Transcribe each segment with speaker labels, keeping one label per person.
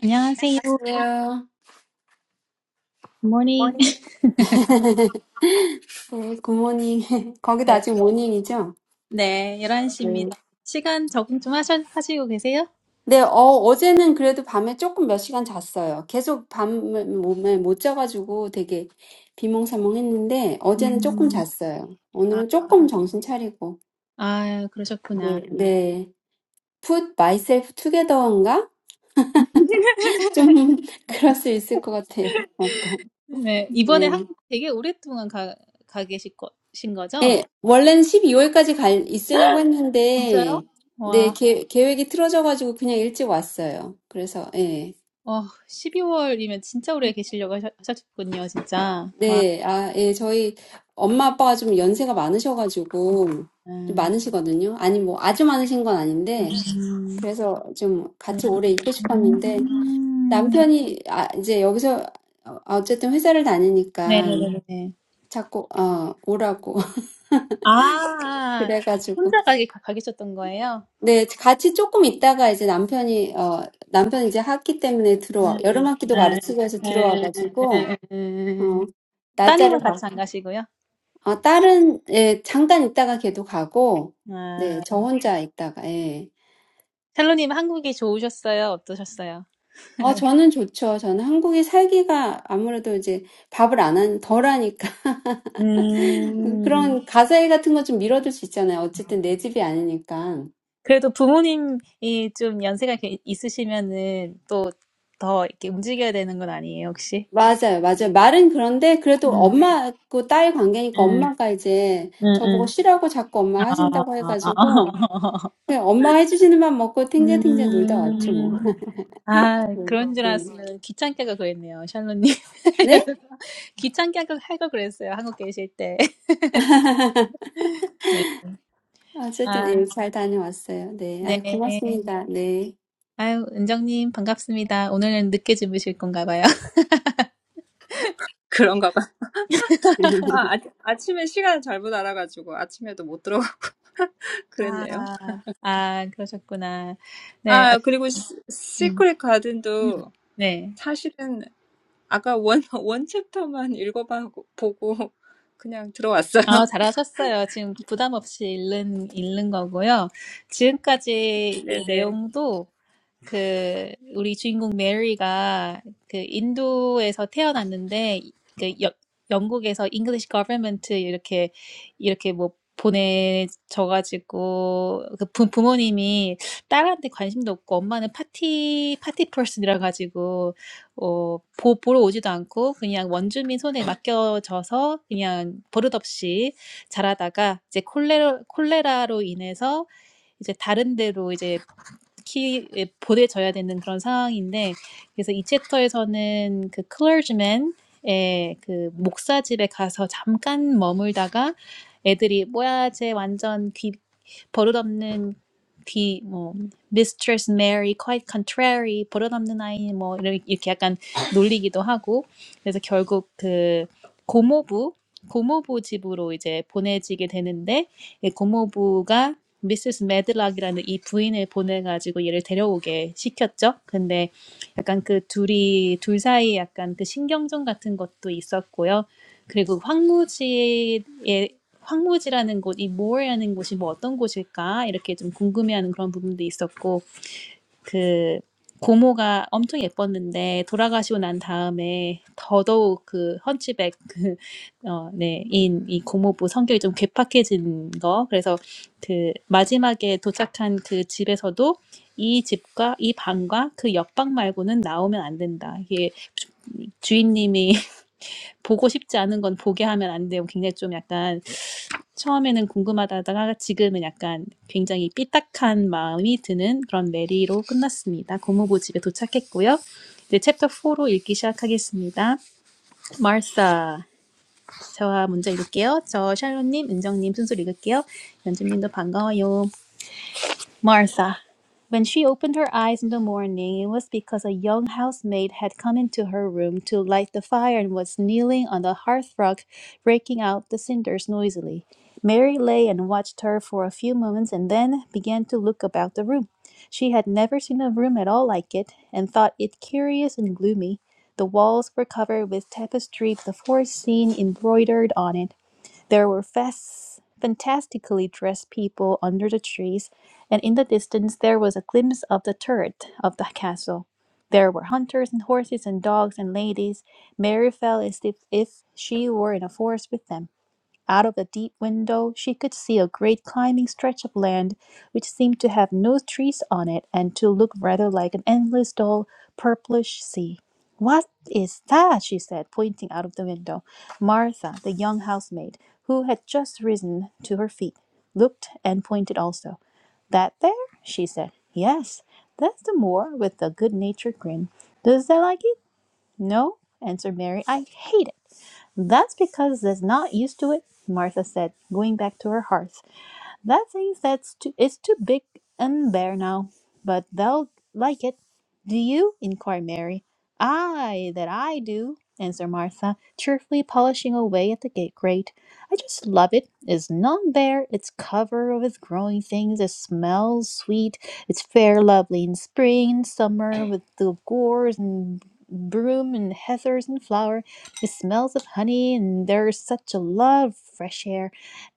Speaker 1: 안녕하세요.
Speaker 2: 안녕하세요.
Speaker 1: 굿모닝.
Speaker 2: morning. 네, 굿모닝. 거기도
Speaker 1: 네.
Speaker 2: 아직 모닝이죠?
Speaker 1: 네, 열한 시입니다. 시간 적응 좀 하셔, 하시고 계세요?
Speaker 2: 네, 어, 어제는 그래도 밤에 조금 몇 시간 잤어요. 계속 밤에 몸에 못 자가지고 되게 비몽사몽 했는데, 어제는 조금
Speaker 1: 음,
Speaker 2: 잤어요.
Speaker 1: 아,
Speaker 2: 오늘은 조금 정신 차리고.
Speaker 1: 아, 그러셨구나.
Speaker 2: 네. Put myself together인가? 좀 그럴 수 있을 것 같아요. 뭔가.
Speaker 1: 네, 이번에
Speaker 2: 네.
Speaker 1: 한국 되게 오랫동안 가, 가 계신 거, 신 거죠?
Speaker 2: 예, 원래는 12월까지 갈, 있으려고
Speaker 1: 진짜요?
Speaker 2: 했는데, 네,
Speaker 1: 와,
Speaker 2: 계, 계획이 틀어져가지고 그냥 일찍 왔어요. 그래서, 예.
Speaker 1: 어, 십이 월이면 진짜 오래 계시려고 하셨, 하셨군요, 진짜. 와,
Speaker 2: 네, 아, 예, 저희 엄마 아빠가 좀 연세가 많으셔가지고 좀
Speaker 1: 음,
Speaker 2: 많으시거든요. 아니, 뭐 아주 많으신 건 아닌데
Speaker 1: 음,
Speaker 2: 그래서 좀 같이 오래 있고 싶었는데 남편이 아, 이제 여기서 어, 어쨌든 회사를 다니니까
Speaker 1: 네네네네.
Speaker 2: 자꾸 어, 오라고
Speaker 1: 아,
Speaker 2: 그래가지고
Speaker 1: 혼자 가게, 가 계셨던 거예요?
Speaker 2: 네, 같이 조금 있다가 이제 남편이 어, 남편이 이제 학기 때문에 들어와 여름 학기도 가르치고 해서 들어와가지고 어, 날짜를
Speaker 1: 따님은 같이
Speaker 2: 바꾸고
Speaker 1: 안 가시고요.
Speaker 2: 아 딸은 예 잠깐 있다가 걔도 가고 네
Speaker 1: 아,
Speaker 2: 저 혼자 있다가 예.
Speaker 1: 샬로님 한국이 좋으셨어요? 어떠셨어요?
Speaker 2: 어 저는 좋죠. 저는 한국에 살기가 아무래도 이제 밥을 안 한, 덜 하니까
Speaker 1: 음,
Speaker 2: 그런 가사일 같은 거좀 미뤄둘 수 있잖아요. 어쨌든 내 집이 아니니까.
Speaker 1: 그래도 부모님이 좀 연세가 이렇게 있으시면은 또 더 이렇게 움직여야 되는 건 아니에요, 혹시?
Speaker 2: 맞아요, 맞아요. 말은 그런데 그래도
Speaker 1: 음,
Speaker 2: 엄마하고 딸 관계니까
Speaker 1: 음,
Speaker 2: 엄마가 이제
Speaker 1: 음,
Speaker 2: 저보고
Speaker 1: 음.
Speaker 2: 쉬라고 자꾸 엄마
Speaker 1: 아,
Speaker 2: 하신다고 해가지고 그냥 엄마가 해주시는 밥 먹고 탱자탱자 놀다 왔죠 뭐.
Speaker 1: 음. 아, 그런 줄
Speaker 2: 네.
Speaker 1: 알았으면 귀찮게 하고 그랬네요, 샬로님.
Speaker 2: 네.
Speaker 1: 귀찮게 하고 하고 그랬어요, 한국 계실 때.
Speaker 2: 어쨌든
Speaker 1: 아,
Speaker 2: 네, 잘 다녀왔어요. 네,
Speaker 1: 네.
Speaker 2: 아이 고맙습니다. 네.
Speaker 1: 아유, 은정님, 반갑습니다. 오늘은 늦게 주무실 건가 봐요.
Speaker 3: 그런가 봐. 아, 아, 아침에 시간을 잘못 알아가지고 아침에도 못 들어가
Speaker 1: 아,
Speaker 3: 그랬네요.
Speaker 1: 아, 그러셨구나. 네, 어,
Speaker 3: 아, 그리고 시,
Speaker 1: 음,
Speaker 3: 시크릿
Speaker 1: 음,
Speaker 3: 가든도
Speaker 1: 네.
Speaker 3: 사실은 아까 원, 원 챕터만 읽어보고 보고 그냥 들어왔어요.
Speaker 1: 아, 잘하셨어요. 지금 부담 없이 읽는, 읽는 거고요. 지금까지 이
Speaker 3: 네네.
Speaker 1: 내용도 그 우리 주인공 메리가 그 인도에서 태어났는데 그 여, 영국에서 English government 이렇게 이렇게 뭐 보내져가지고 그 부, 부모님이 딸한테 관심도 없고 엄마는 파티 파티 퍼슨이라 가지고 어, 보, 보러 오지도 않고 그냥 원주민 손에 맡겨져서 그냥 버릇없이 자라다가 이제 콜레로, 콜레라로 인해서 이제 다른 데로 이제 키 에, 보내져야 되는 그런 상황인데 그래서 이 챕터에서는 그 클러지맨의 그 목사 집에 가서 잠깐 머물다가 애들이 뭐야 쟤 완전 귀 버릇없는 귀뭐 Mistress Mary quite contrary 버릇없는 아이 뭐 이렇- 이렇게 약간 놀리기도 하고 그래서 결국 그 고모부 고모부 집으로 이제 보내지게 되는데 이 고모부가 미세스 매들락이라는 이 부인을 보내가지고 얘를 데려오게 시켰죠. 근데 약간 그 둘이, 둘 사이에 약간 그 신경전 같은 것도 있었고요. 그리고 황무지의, 황무지라는 곳, 이 more라는 곳이 뭐 어떤 곳일까? 이렇게 좀 궁금해하는 그런 부분도 있었고, 그 고모가 엄청 예뻤는데 돌아가시고 난 다음에 더더욱 그 헌치백 그어네인이 고모부 성격이 좀 괴팍해진 거 그래서 그 마지막에 도착한 그 집에서도 이 집과 이 방과 그 옆방 말고는 나오면 안 된다 이게 주- 주인님이 보고 싶지 않은 건 보게 하면 안 돼요. 굉장히 좀 약간 처음에는 궁금하다다가 지금은 약간 굉장히 삐딱한 마음이 드는 그런 메리로 끝났습니다. 고무부 집에 도착했고요. 이제 챕터 4로 읽기 시작하겠습니다. 마르사. 저와 먼저 읽을게요. 저 샬롯님, 은정님 순서로 읽을게요. 연주님도 반가워요. Martha. When she opened her eyes in the morning, it was because a young housemaid had come into her room to light the fire and was kneeling on the hearthrug, raking out the cinders noisily. Mary lay and watched her for a few moments and then began to look about the room. She had never seen a room at all like it and thought it curious and gloomy. The walls were covered with tapestry, the forest scene embroidered on it. There were fas- fantastically dressed people under the trees, and in the distance there was a glimpse of the turret of the castle. There were hunters and horses and dogs and ladies. Mary felt as if, if she were in a forest with them. Out of the deep window, she could see a great climbing stretch of land which seemed to have no trees on it and to look rather like an endless, dull, purplish sea. What is that? she said, pointing out of the window. Martha, the young housemaid, who had just risen to her feet, looked and pointed also. That there? she said. Yes, that's the moor with a good natured grin. Does that like it? No, answered Mary. I hate it. That's because they're not used to it, Martha said, going back to her hearth. That says that's too, it's too big and bare now, but they'll like it. Do you? inquired Mary. Ay, that I do, answered Martha, cheerfully polishing away at the gate grate. I just love it. It's none bare, it's covered with growing things, it smells sweet, it's fair lovely in spring and summer with the gorse and broom and heathers and flower. It smells of honey, and there's such a love of fresh air.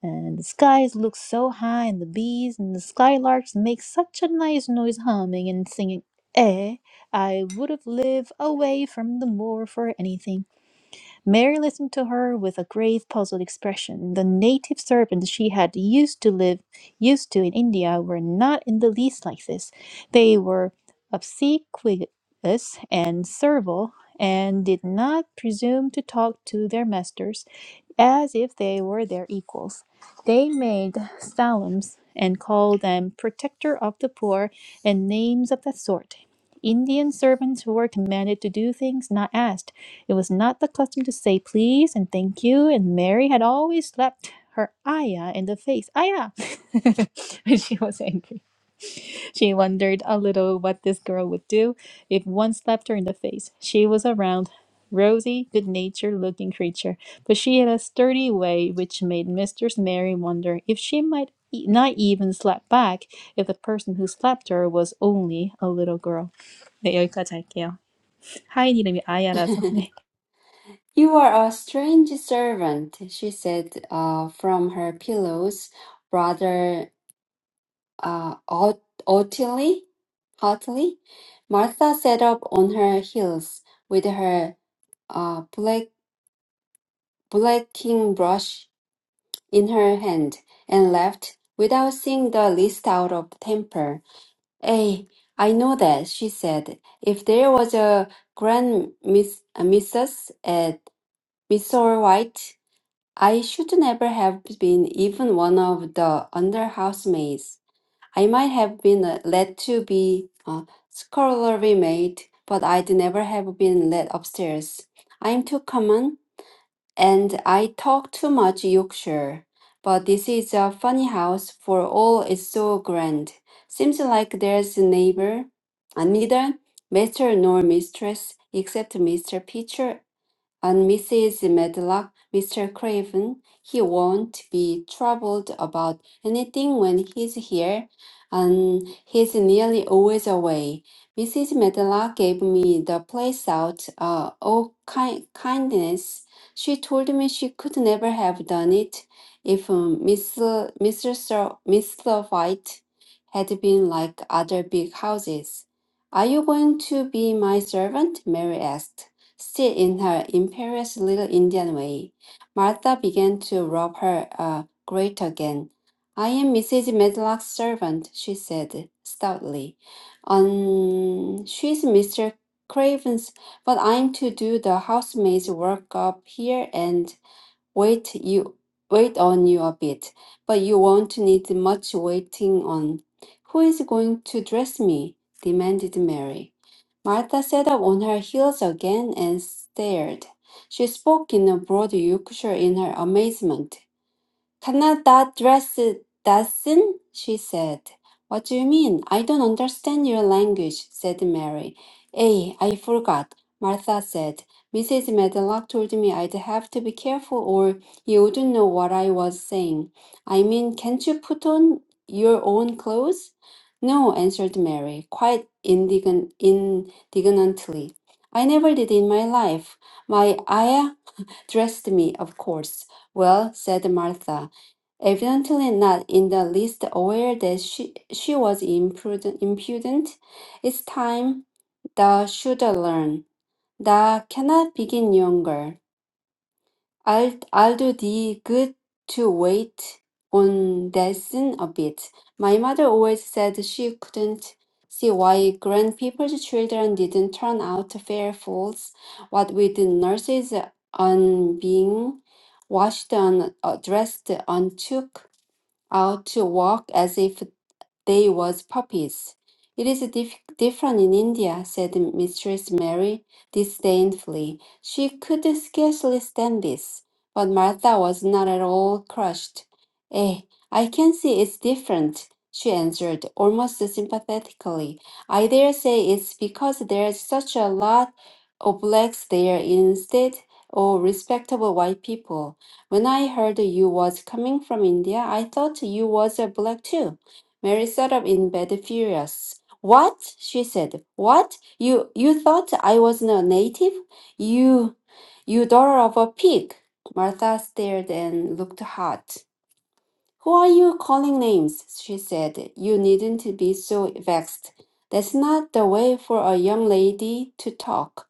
Speaker 1: And the skies look so high, and the bees and the skylarks make such a nice noise humming and singing. Eh, I would have lived away from the moor for anything. Mary listened to her with a grave, puzzled expression. The native servants she had used to live used to in India were not in the least like this. They were obsequious and servile, and did not presume to talk to their masters as if they were their equals. They made salams and called them protector of the poor and names of that sort. Indian servants who were commanded to do things not asked. It was not the custom to say please and thank you, and Mary had always slapped her Aya in the face. Aya! when she was angry. She wondered a little what this girl would do if one slapped her in the face. She was a round, rosy, good natured looking creature, but she had a sturdy way which made Mistress Mary wonder if she might e- not even slap back if the person who slapped her was only a little girl. 네, 여기까지 할게요. 하인 이름이 아야라서. 네.
Speaker 2: You are a strange servant, she said uh, from her pillows, rather uh, haughtily. haughtily. haughtily. Martha sat up on her heels with her uh, black, blacking brush in her hand and left without seeing the least out of temper. Eh, I know that, she said. If there was a grand miss, a missus at Miss White, I should never have been even one of the under housemaids. I might have been uh, let to be a scullery maid, but I'd never have been let upstairs. I'm too common. And I talk too much Yorkshire, but this is a funny house for all it's so grand. Seems like there's a neighbor, and neither master nor mistress, except Mr. Pitcher and Mrs. Medlock, Mr. Craven, he won't be troubled about anything when he's here, and he's nearly always away. Mrs. Medlock gave me the place out. Uh, oh, ki- kindness! She told me she could never have done it if um, Miss Mr. Sir, Mr. White had been like other big houses. Are you going to be my servant? Mary asked. Still in her imperious little Indian way, Martha began to rub her uh, grate again. I am Mrs. Medlock's servant, she said stoutly. Um, she's Mr. Craven's, but I'm to do the housemaid's work up here and wait you wait on you a bit. But you won't need much waiting on. Who is going to dress me? demanded Mary. Martha sat up on her heels again and stared. She spoke in a broad Yorkshire in her amazement. Kana, that dress doesn't, she said. What do you mean? I don't understand your language, said Mary. Eh, I forgot, Martha said. Mrs. Medlock told me I'd have to be careful or you wouldn't know what I was saying. I mean, can't you put on your own clothes? No, answered Mary, quite indign- indignantly. I never did in my life. My ayah Dressed me, of course. Well, said Martha, evidently not in the least aware that she, she was imprudent, impudent. It's time thou should learn. Thou cannot begin younger. I'll I'll do the good to wait on lesson a bit. My mother always said she couldn't see why grand people's children didn't turn out fair fools, what with the nurses on being washed and uh, dressed and took out to walk as if they was puppies. It is dif- different in India, said Mistress Mary disdainfully. She could scarcely stand this, but Martha was not at all crushed. Eh, I can see it's different, she answered, almost sympathetically. I dare say it's because there's such a lot of blacks there instead of respectable white people. When I heard you was coming from India, I thought you was a black too. Mary sat up in bed furious. What? she said. What? You you thought I was not native? You you daughter of a pig. Martha stared and looked hot. Who are you calling names? she said. You needn't be so vexed. That's not the way for a young lady to talk.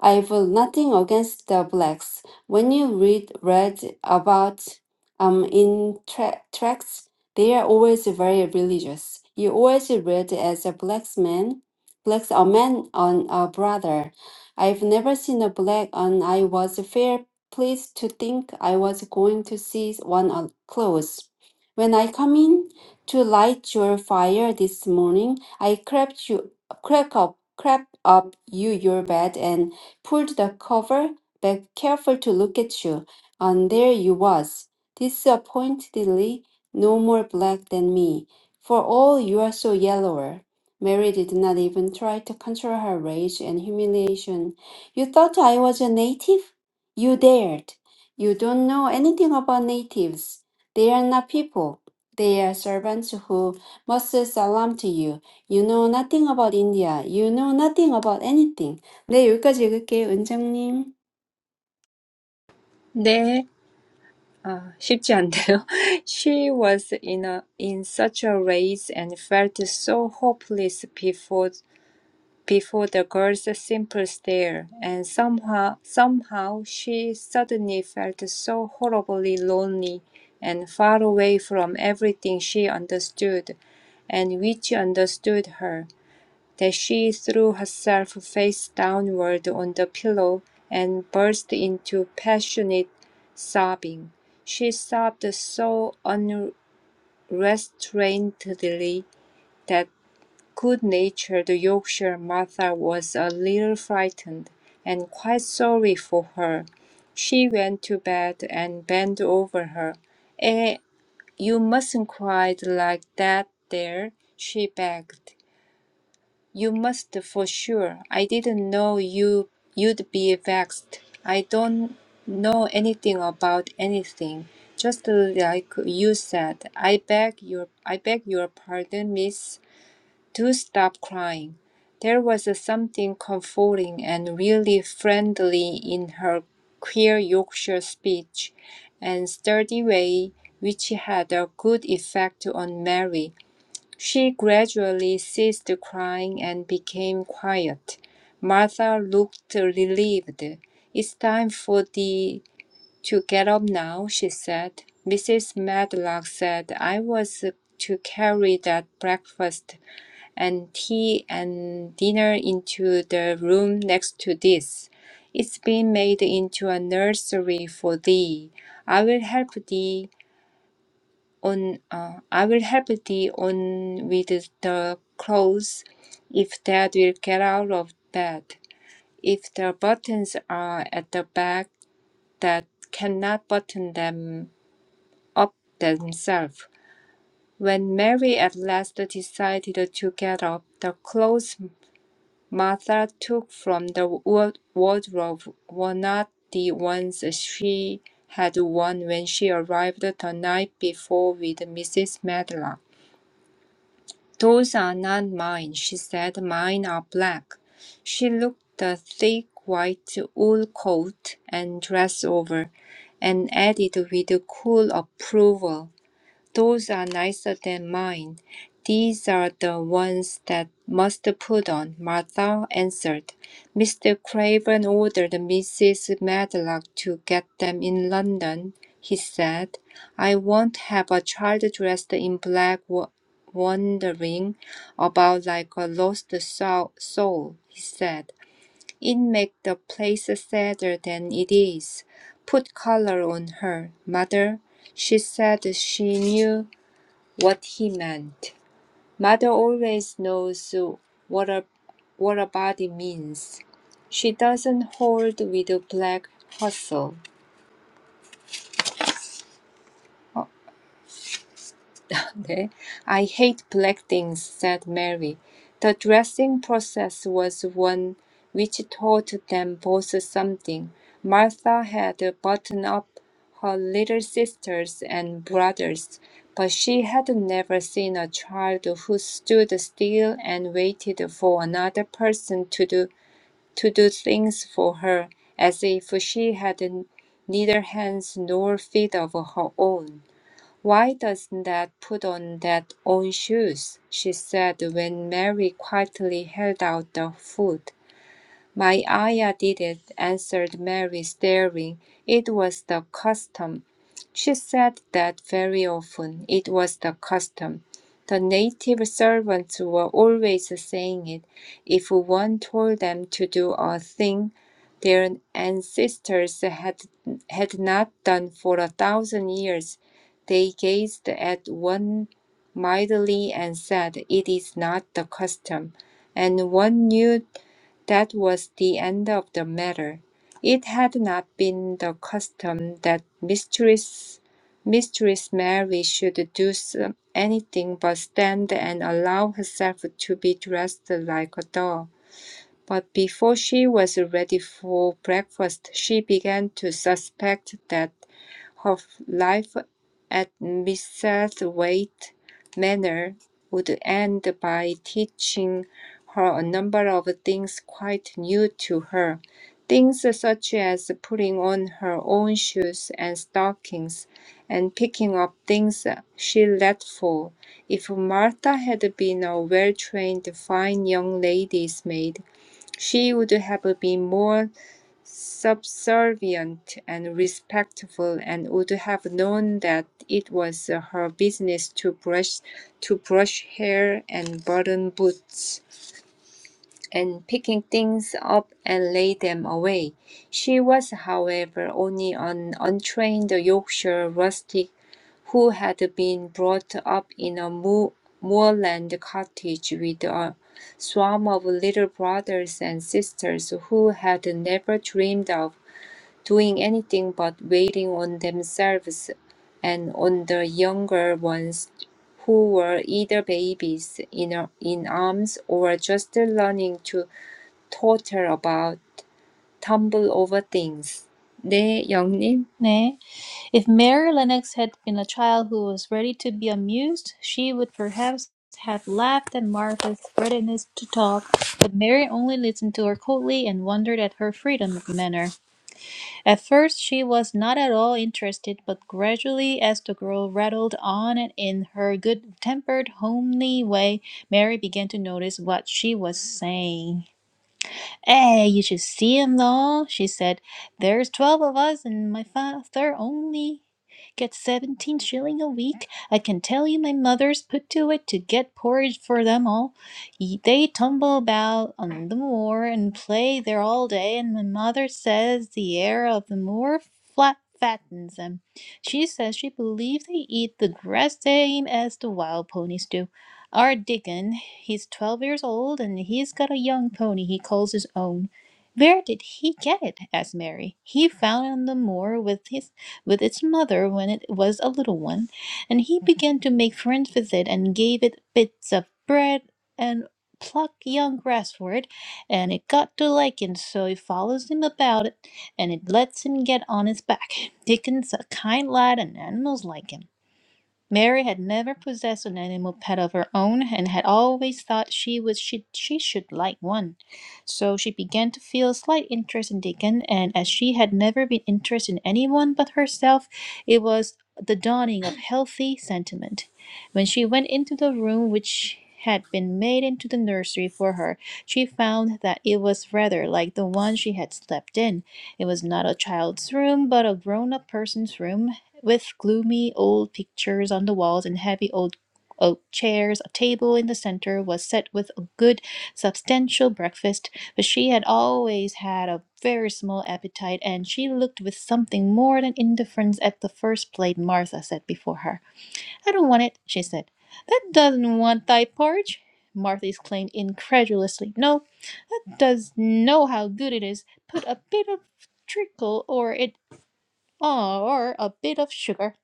Speaker 2: I've nothing against the blacks. When you read read about um in tra- tracts, they are always very religious. You always read as a black man, blacks a man on a brother. I've never seen a black, and I was fair pleased to think I was going to see one uh, close. When I come in to light your fire this morning, I crept you crept up crept up you your bed and pulled the cover back careful to look at you, and there you was, disappointedly no more black than me, for all you are so yellower. Mary did not even try to control her rage and humiliation. You thought I was a native? You dared. You don't know anything about natives. They are not people. They are servants who must salam to you. You know nothing about India. You know nothing about anything. 네, 여기까지 읽을게요, 은정님.
Speaker 3: 네. 아, 쉽지 않네요. She was in a, in such a rage and felt so hopeless before before the girl's simple stare, and somehow, somehow she suddenly felt so horribly lonely and far away from everything she understood and which understood her, that she threw herself face downward on the pillow and burst into passionate sobbing. She sobbed so unrestrainedly that. Good-natured Yorkshire Martha was a little frightened, and quite sorry for her. She went to bed and bent over her. "Eh, you mustn't cry like that there," she begged. "You must for sure. I didn't know you you'd be vexed. I don't know anything about anything. Just like you said. I beg your I beg your pardon, miss. Do stop crying. There was something comforting and really friendly in her queer Yorkshire speech and sturdy way, which had a good effect on Mary. She gradually ceased crying and became quiet. Martha looked relieved. It's time for thee to get up now, she said. Mrs. Medlock said I was to carry that breakfast and tea and dinner into the room next to this. It's been made into a nursery for thee. I will help thee on uh, I will help thee on with the clothes if that will get out of bed. If the buttons are at the back that cannot button them up themselves. When Mary at last decided to get up, the clothes Martha took from the wa- wardrobe were not the ones she had worn when she arrived the night before with Mrs. Medlock. "Those are not mine," she said. "Mine are black." She looked the thick white wool coat and dress over, and added with cool approval. Those are nicer than mine. These are the ones that must put on, Martha answered. Mr. Craven ordered Mrs. Medlock to get them in London, he said. I won't have a child dressed in black wa- wandering about like a lost sou- soul, he said. It makes the place sadder than it is. Put color on her, mother. She said she knew what he meant. Mother always knows what a what a body means. She doesn't hold with black hustle. Okay. I hate black things, said Mary. The dressing process was one which taught them both something. Martha had buttoned up her little sisters and brothers, but she had never seen a child who stood still and waited for another person to do, to do things for her, as if she had neither hands nor feet of her own. Why doesn't that put on that own shoes? she said when Mary quietly held out the food. My Ayah did it, answered Mary, staring. It was the custom. She said that very often. It was the custom. The native servants were always saying it. If one told them to do a thing their ancestors had, had not done for a thousand years, they gazed at one mildly and said, It is not the custom. And one knew that was the end of the matter. It had not been the custom that Mistress Mistress Mary should do s- anything but stand and allow herself to be dressed like a doll. But before she was ready for breakfast, she began to suspect that her life at Misselthwaite Manor would end by teaching her a number of things quite new to her, things such as putting on her own shoes and stockings, and picking up things she let fall. If Martha had been a well-trained, fine young lady's maid, she would have been more subservient and respectful, and would have known that it was her business to brush, to brush hair and button boots, and picking things up and lay them away. She was, however, only an untrained Yorkshire rustic who had been brought up in a moor- moorland cottage with a swarm of little brothers and sisters who had never dreamed of doing anything but waiting on themselves and on the younger ones who were either babies in, in arms or just learning to totter about, tumble over things. 네, 영님.
Speaker 1: 네. If Mary Lennox had been a child who was ready to be amused, she would perhaps have laughed at Martha's readiness to talk, but Mary only listened to her coldly and wondered at her freedom of manner. At first, she was not at all interested, but gradually, as the girl rattled on and in her good tempered, homely way, Mary began to notice what she was saying. Eh, you should see 'em though, she said. There's 12 of us, and my father only gets 17 shilling a week. I can tell you my mother's put to it to get porridge for them all. Ye- They tumble about on the moor and play there all day, and my mother says the air of the moor flat fattens them. She says she believes they eat the grass same as the wild ponies do. Our Dickon, he's twelve years old, and he's got a young pony he calls his own. Where did he get it? asked Mary. He found it on the moor with his with its mother when it was a little one, and he began to make friends with it and gave it bits of bread and pluck young grass for it, and it got to like him, so he follows him about it, and it lets him get on his back. Dickon's a kind lad, and animals like him. Mary had never possessed an animal pet of her own and had always thought she was she, she should like one. So she began to feel a slight interest in Dickon. and as she had never been interested in anyone but herself, it was the dawning of healthy sentiment. When she went into the room which had been made into the nursery for her, she found that it was rather like the one she had slept in. It was not a child's room, but a grown up person's room, with gloomy old pictures on the walls and heavy old oak chairs. A table in the center was set with a good, substantial breakfast, but she had always had a very small appetite, and she looked with something more than indifference at the first plate Martha set before her. I don't want it, she said. That doesn't want thy porridge. Martha exclaimed incredulously. No, does know how good it is. Put a bit of treacle or it or a bit of sugar.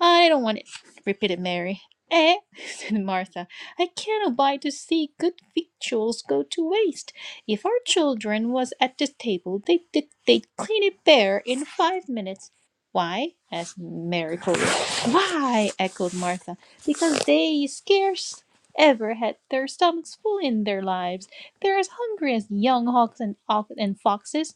Speaker 1: I don't want it, repeated Mary. Eh? said Martha. I can't abide to see good victuals go to waste. If our children was at this table, they, would they'd clean it bare in five minutes. Why? asked Mary coldly. Why? echoed Martha. Because they scarce ever had their stomachs full in their lives. They're as hungry as young hawks and, and foxes.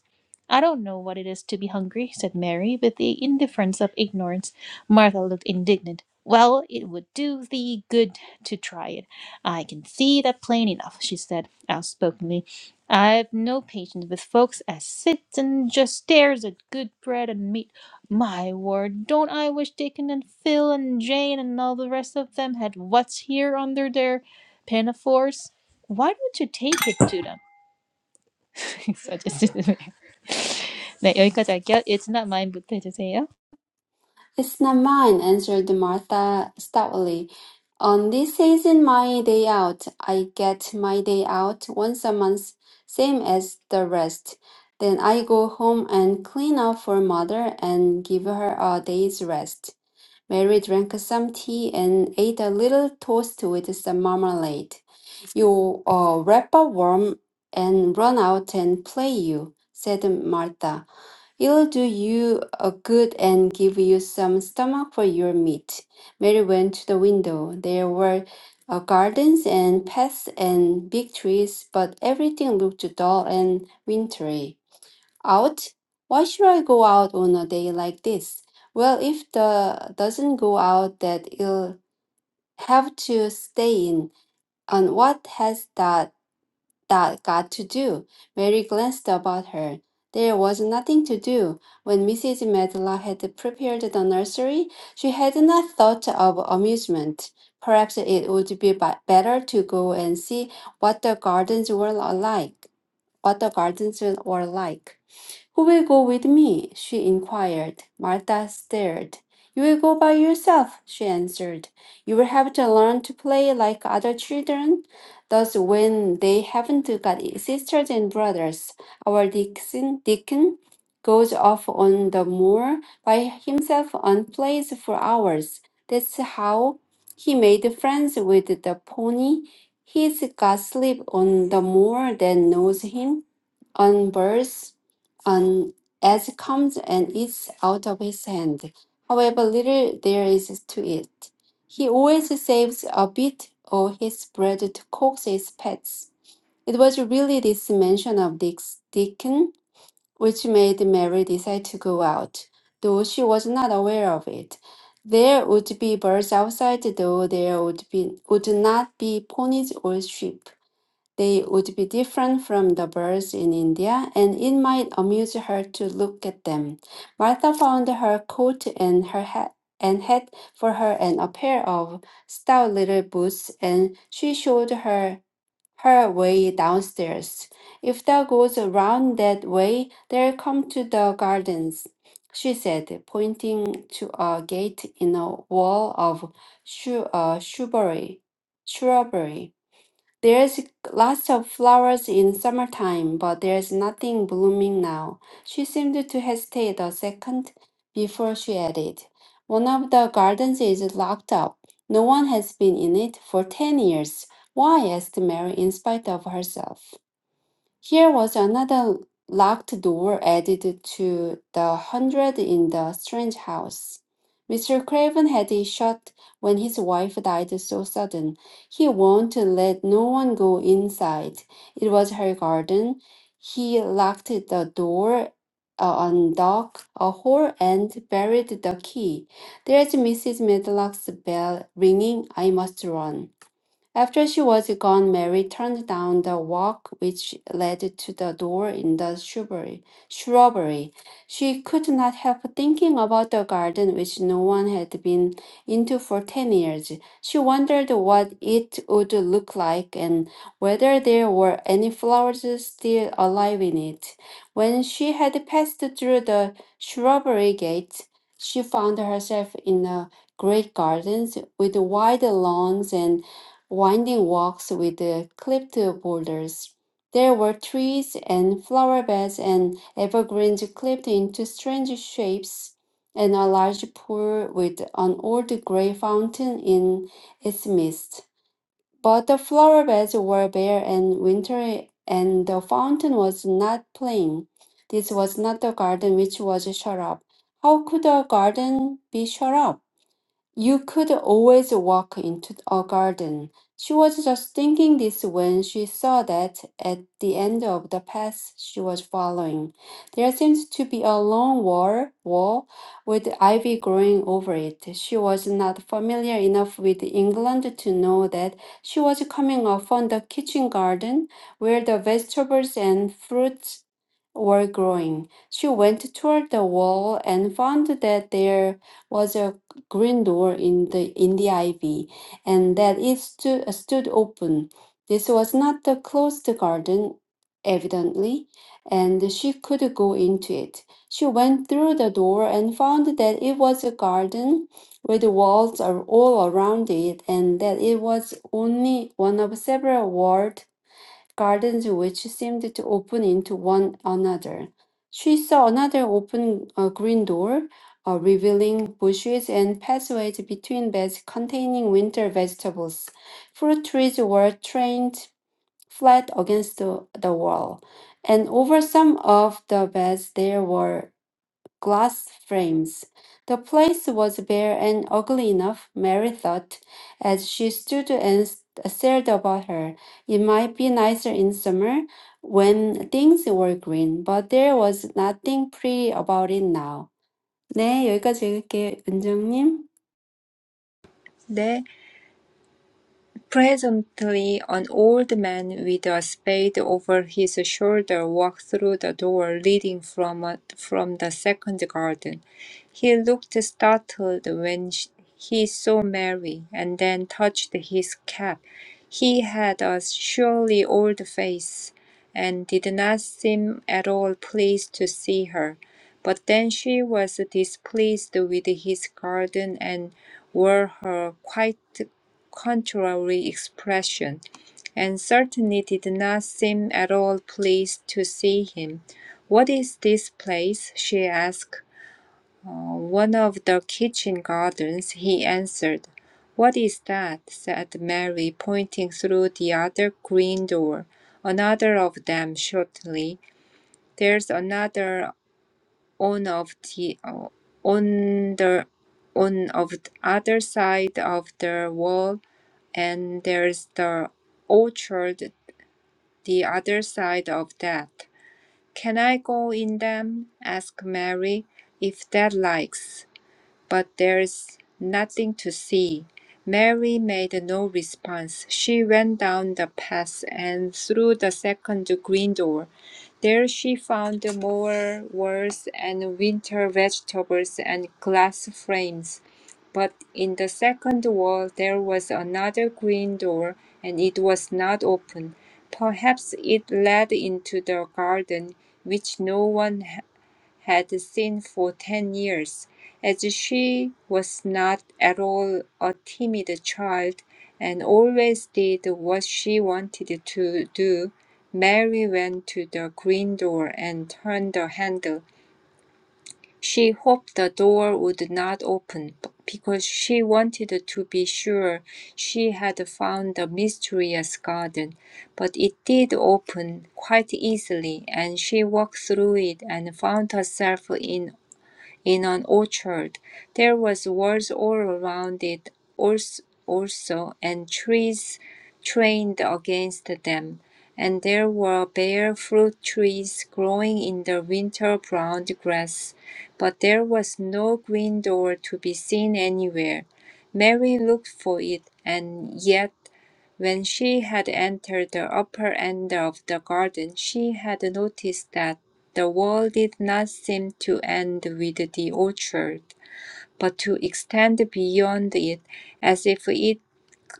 Speaker 1: I don't know what it is to be hungry, said Mary, with the indifference of ignorance. Martha looked indignant. Well, it would do thee good to try it. I can see that plain enough, she said outspokenly. I've no patience with folks as sits and just stares at good bread and meat. My word, don't I wish Dickon and Phil and Jane and all the rest of them had what's here under their pinafores? Why don't you take it to them? 네, 여기까지 할게요. It's not mine 부터 해주세요.
Speaker 2: It's not mine, answered Martha stoutly. On this isn't my day out. I get my day out once a month, same as the rest. Then I go home and clean up for mother and give her a day's rest. Mary drank some tea and ate a little toast with some marmalade. You uh, wrap up warm and run out and play you, said Martha. It'll do you a good and give you some stomach for your meat. Mary went to the window. There were uh, gardens and paths and big trees, but everything looked dull and wintry. Out? Why should I go out on a day like this? Well, if the doesn't go out, that it'll have to stay in. And what has that? that got to do? Mary glanced about her. There was nothing to do. When Mrs. Medlock had prepared the nursery, she had not thought of amusement. Perhaps it would be ba- better to go and see what the gardens were like. What the gardens were like. Who will go with me? she inquired. Martha stared. You will go by yourself, she answered. You will have to learn to play like other children. Thus, when they haven't got sisters and brothers, our Dixon, Deacon goes off on the moor by himself and plays for hours. That's how he made friends with the pony. He's got sleep on the moor that knows him, on birds on as comes and eats out of his hand. However little there is to it, he always saves a bit of his bread to coax his pets. It was really this mention of Dick's Deacon which made Mary decide to go out, though she was not aware of it. There would be birds outside, though there would be would not be ponies or sheep. They would be different from the birds in India, and it might amuse her to look at them. Martha found her coat and her hat and had for her and a pair of stout little boots, and she showed her her way downstairs. If thou goes around that way, they'll come to the gardens, she said, pointing to a gate in a wall of shrub- uh, shrubbery. Shrubbery. There's lots of flowers in summertime, but there's nothing blooming now. She seemed to hesitate a second before she added, One of the gardens is locked up. No one has been in it for ten years. Why? asked Mary in spite of herself. Here was another locked door added to the hundred in the strange house. Mr. Craven had it shut when his wife died so sudden. He won't let no one go inside. It was her garden. He locked the door, uh, undocked a hole, and buried the key. There's Mrs. Medlock's bell ringing. I must run. After she was gone, Mary turned down the walk which led to the door in the shrubbery. Shrubbery. She could not help thinking about the garden which no one had been into for ten years. She wondered what it would look like and whether there were any flowers still alive in it. When she had passed through the shrubbery gate, she found herself in a great garden with wide lawns and winding walks with the clipped boulders. There were trees and flower beds and evergreens clipped into strange shapes, and a large pool with an old gray fountain in its midst. But the flower beds were bare and wintry, and the fountain was not playing. This was not the garden which was shut up. How could a garden be shut up? You could always walk into a garden. She was just thinking this when she saw that at the end of the path she was following, there seemed to be a long wall, wall with ivy growing over it. She was not familiar enough with England to know that she was coming upon the kitchen garden where the vegetables and fruits were growing. She went toward the wall and found that there was a green door in the in the ivy, and that it stood, stood open. This was not the closed garden, evidently, and she could go into it. She went through the door and found that it was a garden with walls are all around it, and that it was only one of several walled gardens which seemed to open into one another. She saw another open uh, green door, uh, revealing bushes and pathways between beds containing winter vegetables. Fruit trees were trained flat against the, the wall, and over some of the beds there were glass frames. The place was bare and ugly enough, Mary thought, as she stood and s- stared about her. It might be nicer in summer when things were green, but there was nothing pretty about it now. 네, 여기까지 읽을게요, 은정님.
Speaker 3: 네. Presently an old man with a spade over his shoulder walked through the door leading from from the second garden. He looked startled when sh- he saw Mary, and then touched his cap. He had a surely old face, and did not seem at all pleased to see her. But then she was displeased with his garden and wore her quite contrary expression, and certainly did not seem at all pleased to see him. "What is this place?" she asked. "Uh, "One of the kitchen gardens," he answered. "What is that?" said Mary, pointing through the other green door. "Another of them," shortly. "There's another on of the uh, on the on of the other side of the wall and there's the orchard the other side of that. Can I go in them? asked Mary, if dad likes but there's nothing to see. Mary made no response. She went down the path and through the second green door. There she found more words and winter vegetables and glass frames. But in the second wall there was another green door and it was not open. Perhaps it led into the garden, which no one had seen for ten years, as she was not at all a timid child, and always did what she wanted to do. Mary went to the green door and turned the handle. She hoped the door would not open because she wanted to be sure she had found the mysterious garden. But it did open quite easily, and she walked through it and found herself in in an orchard. There was walls all around it also, and trees trained against them, and there were bare fruit trees growing in the winter brown grass, but there was no green door to be seen anywhere. Mary looked for it, and yet when she had entered the upper end of the garden, she had noticed that the war did not seem to end with the orchard, but to extend beyond it, as if it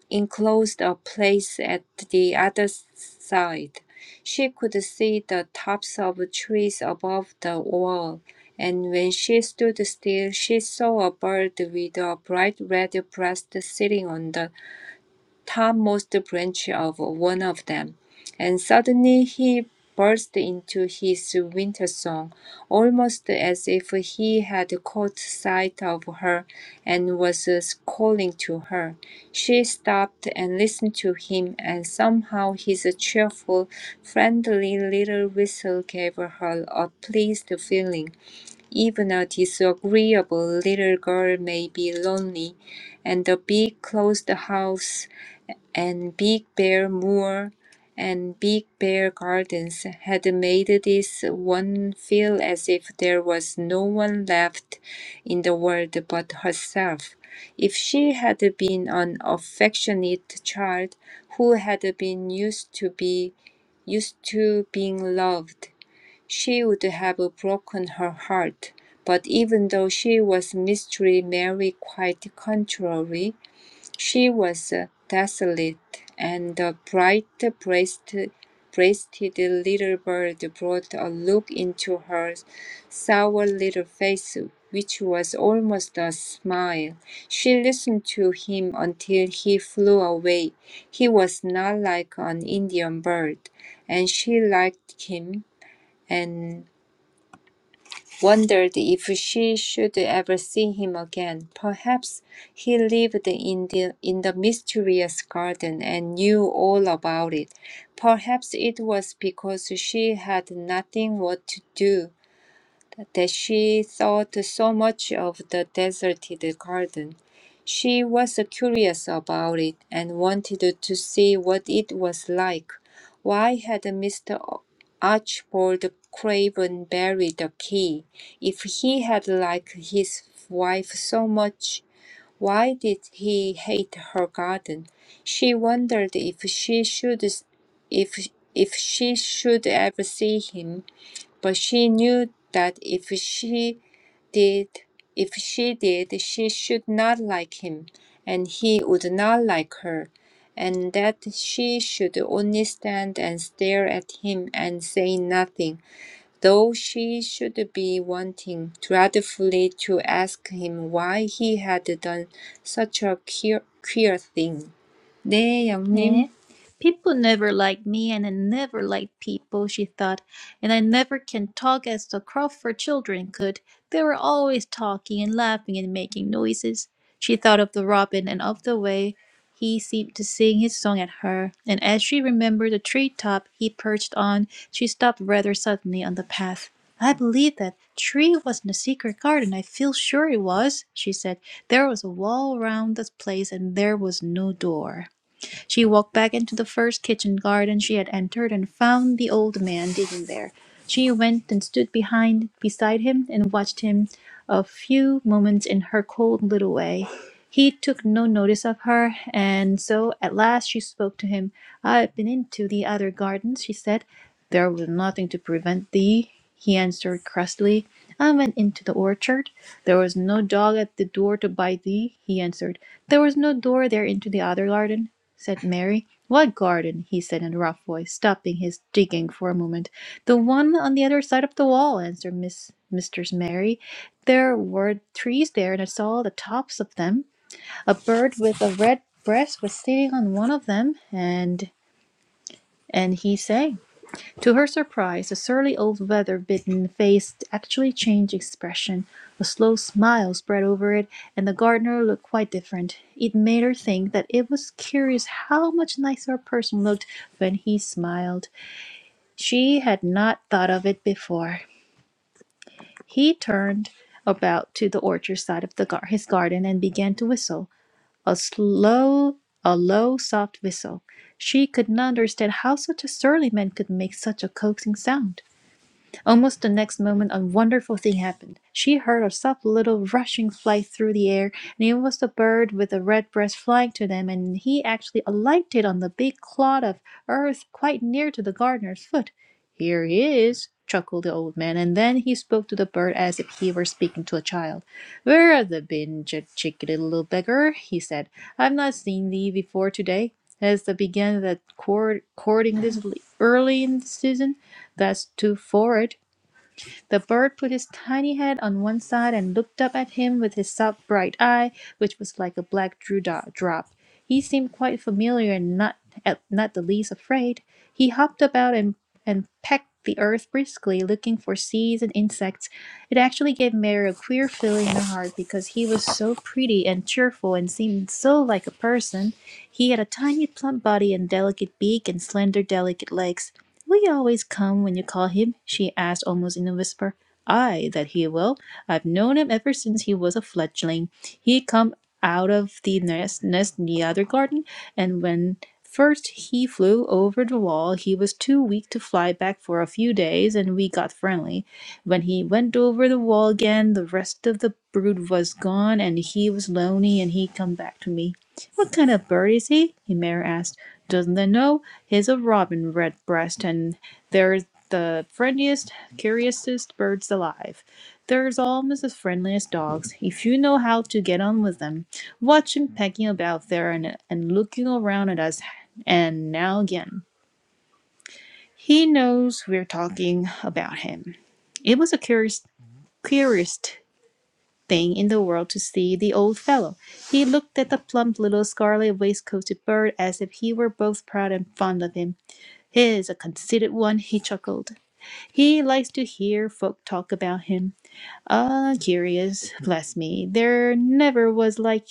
Speaker 3: enclosed a place at the other side. She could see the tops of trees above the wall, and when she stood still, she saw a bird with a bright red breast sitting on the topmost branch of one of them, and suddenly he burst into his winter song, almost as if he had caught sight of her and was uh, calling to her. She stopped and listened to him, and somehow his cheerful, friendly little whistle gave her a pleased feeling. Even a disagreeable little girl may be lonely, and the big closed house and Big Bear Moor and Big Bear Gardens had made this one feel as if there was no one left in the world but herself. If she had been an affectionate child who had been used to be used to being loved, she would have broken her heart. But even though she was Mystery Mary quite contrary, she was desolate, and the bright-breasted breasted little bird brought a look into her sour little face which was almost a smile. She listened to him until he flew away. He was not like an Indian bird, and she liked him, and wondered if she should ever see him again. Perhaps he lived in the, in the mysterious garden and knew all about it. Perhaps it was because she had nothing what to do that she thought so much of the deserted garden. She was curious about it and wanted to see what it was like. Why had Mr. Archibald Craven buried the key? If he had liked his wife so much, why did he hate her garden? She wondered if she should if if she should ever see him but she knew that if she did if she did she should not like him and he would not like her and that she should only stand and stare at him and say nothing though she should be wanting dreadfully to ask him why he had done such a queer, queer thing 네, 영님.
Speaker 1: 네. People never like me and I never like people, she thought, and I never can talk as the Crawford children could. They were always talking and laughing and making noises. She thought of the robin and of the way he seemed to sing his song at her, and as she remembered the tree top he perched on, she stopped rather suddenly on the path. I believe that tree wasn't a secret garden. I feel sure it was, she said. There was a wall round the place and there was no door. She walked back into the first kitchen garden she had entered and found the old man digging there. She went and stood behind beside him and watched him a few moments in her cold little way. He took no notice of her, and so at last she spoke to him. I have been into the other gardens, she said. There was nothing to prevent thee, he answered crustily. I went into the orchard. There was no dog at the door to bite thee, he answered. There was no door there into the other garden said Mary. "What garden?" he said in a rough voice, stopping his digging for a moment. "The one on the other side of the wall," answered Miss, Mistress Mary. "There were trees there, and I saw the tops of them. A bird with a red breast was sitting on one of them, and and he sang. To her surprise, the surly old weather bitten face actually changed expression. A slow smile spread over it, and the gardener looked quite different. It made her think that it was curious how much nicer a person looked when he smiled. She had not thought of it before. He turned about to the orchard side of the gar- his garden and began to whistle. A slow, a low, soft whistle. She could not understand how such a surly man could make such a coaxing sound. Almost the next moment a wonderful thing happened. She heard a soft little rushing flight through the air, and it was the bird with the red breast flying to them, and he actually alighted on the big clod of earth quite near to the gardener's foot. Here he is, chuckled the old man, and then he spoke to the bird as if he were speaking to a child. Where have thou been, ch- chickadee little beggar? he said. I've not seen thee before today. Has thou begun that court- courting this l- early in the season? That's too forward. The bird put his tiny head on one side and looked up at him with his soft bright eye, which was like a black dewdrop. He seemed quite familiar and not at, not the least afraid. He hopped about and, and pecked the earth briskly, looking for seeds and insects. It actually gave Mary a queer feeling in her heart because he was so pretty and cheerful and seemed so like a person. He had a tiny plump body and delicate beak and slender delicate legs. Will he always come when you call him? she asked almost in a whisper. Ay, that he will. I've known him ever since he was a fledgling. He come out of the nest, nest in the other garden, and when first he flew over the wall, he was too weak to fly back for a few days, and we got friendly. When he went over the wall again, the rest of the brood was gone, and he was lonely, and he come back to me. What kind of bird is he? Himera asked. Doesn't I know? His a robin redbreast, and they're the friendliest, curiousest birds alive. They're almost as friendly as dogs, if you know how to get on with them. Watch him pecking about there and, and looking around at us, and now again. He knows we're talking about him. It was a curious, queerest thing in the world to see the old fellow. He looked at the plump little scarlet waistcoated bird as if he were both proud and fond of him He's a conceited one, he chuckled. He likes to hear folk talk about him. Ah, curious, bless me, there never was like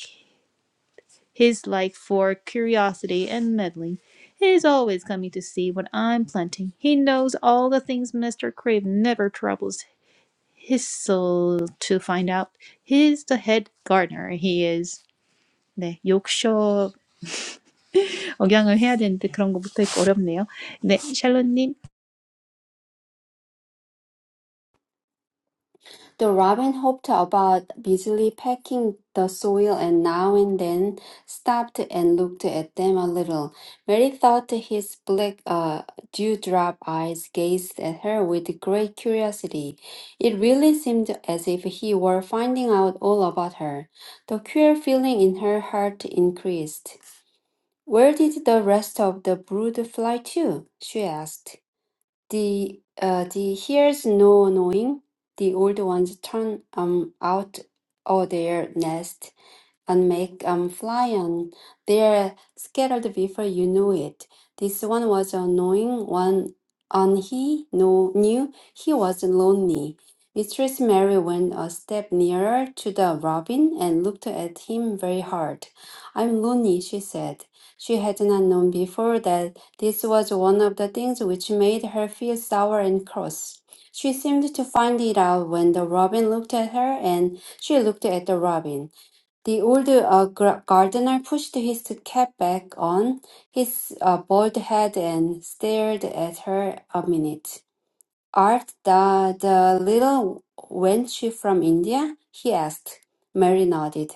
Speaker 1: his like for curiosity and meddling. He's always coming to see what I'm planting. He knows all the things Mr. Crave never troubles his soul to find out. He's the head gardener, he is. 네, 욕쇼 억양을 해야 되는데 그런 것부터 있고 어렵네요. 네, 샬롯님.
Speaker 2: The robin hopped about, busily pecking the soil, and now and then stopped and looked at them a little. Mary thought his black uh, dewdrop eyes gazed at her with great curiosity. It really seemed as if he were finding out all about her. The queer feeling in her heart increased. Where did the rest of the brood fly to? she asked. The uh, the here's no knowing. The old ones turn um out of their nest and make um, fly on their scattered before you knew it. This one was annoying one, and he no, knew he was lonely. Mistress Mary went a step nearer to the robin and looked at him very hard. I'm lonely, she said. She had not known before that this was one of the things which made her feel sour and cross. She seemed to find it out when the robin looked at her, and she looked at the robin. The old uh, gar- gardener pushed his cap back on his uh, bald head and stared at her a minute. "Art thou the little wench from India?" he asked. Mary nodded.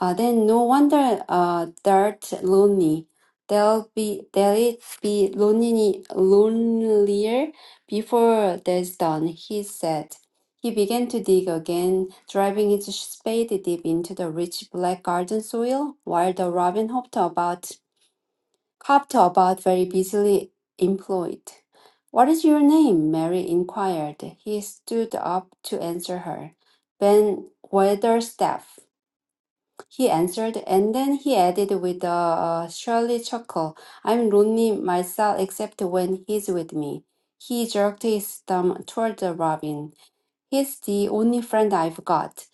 Speaker 2: "Ah, then no wonder uh, thou'rt lonely. They'll be they'll it be lonely, lonelier before there's done," he said. He began to dig again, driving his spade deep into the rich black garden soil, while the robin hopped about Cobbed about very busily employed. What is your name? Mary inquired. He stood up to answer her. Ben Weatherstaff, he answered, and then he added with a uh, surly chuckle, I'm lonely myself except when he's with me. He jerked his thumb toward the robin. He's the only friend I've got.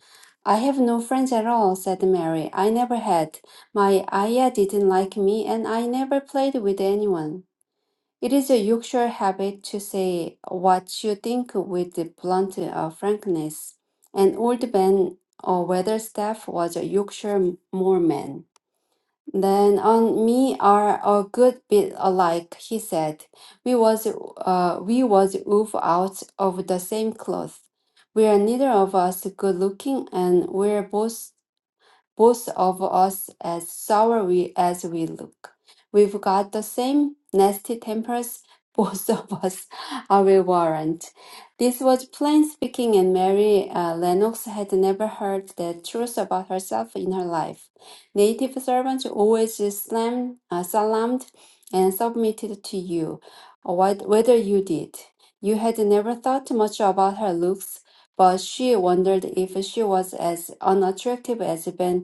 Speaker 2: I have no friends at all, said Mary. I never had. My Aya didn't like me, and I never played with anyone. It is a Yorkshire habit to say what you think with blunt uh, frankness. And old Ben uh, Weatherstaff was a Yorkshire Moorman. Then on me are a good bit alike, he said. We was uh we was wove out of the same cloth. We are neither of us good looking, and we're both both of us as sour we, as we look. We've got the same nasty tempers, both of us, I will warrant. This was plain speaking, and Mary uh, Lennox had never heard the truth about herself in her life. Native servants always slam, uh, salaamed and submitted to you, what, whether you did. You had never thought much about her looks, but she wondered if she was as unattractive as Ben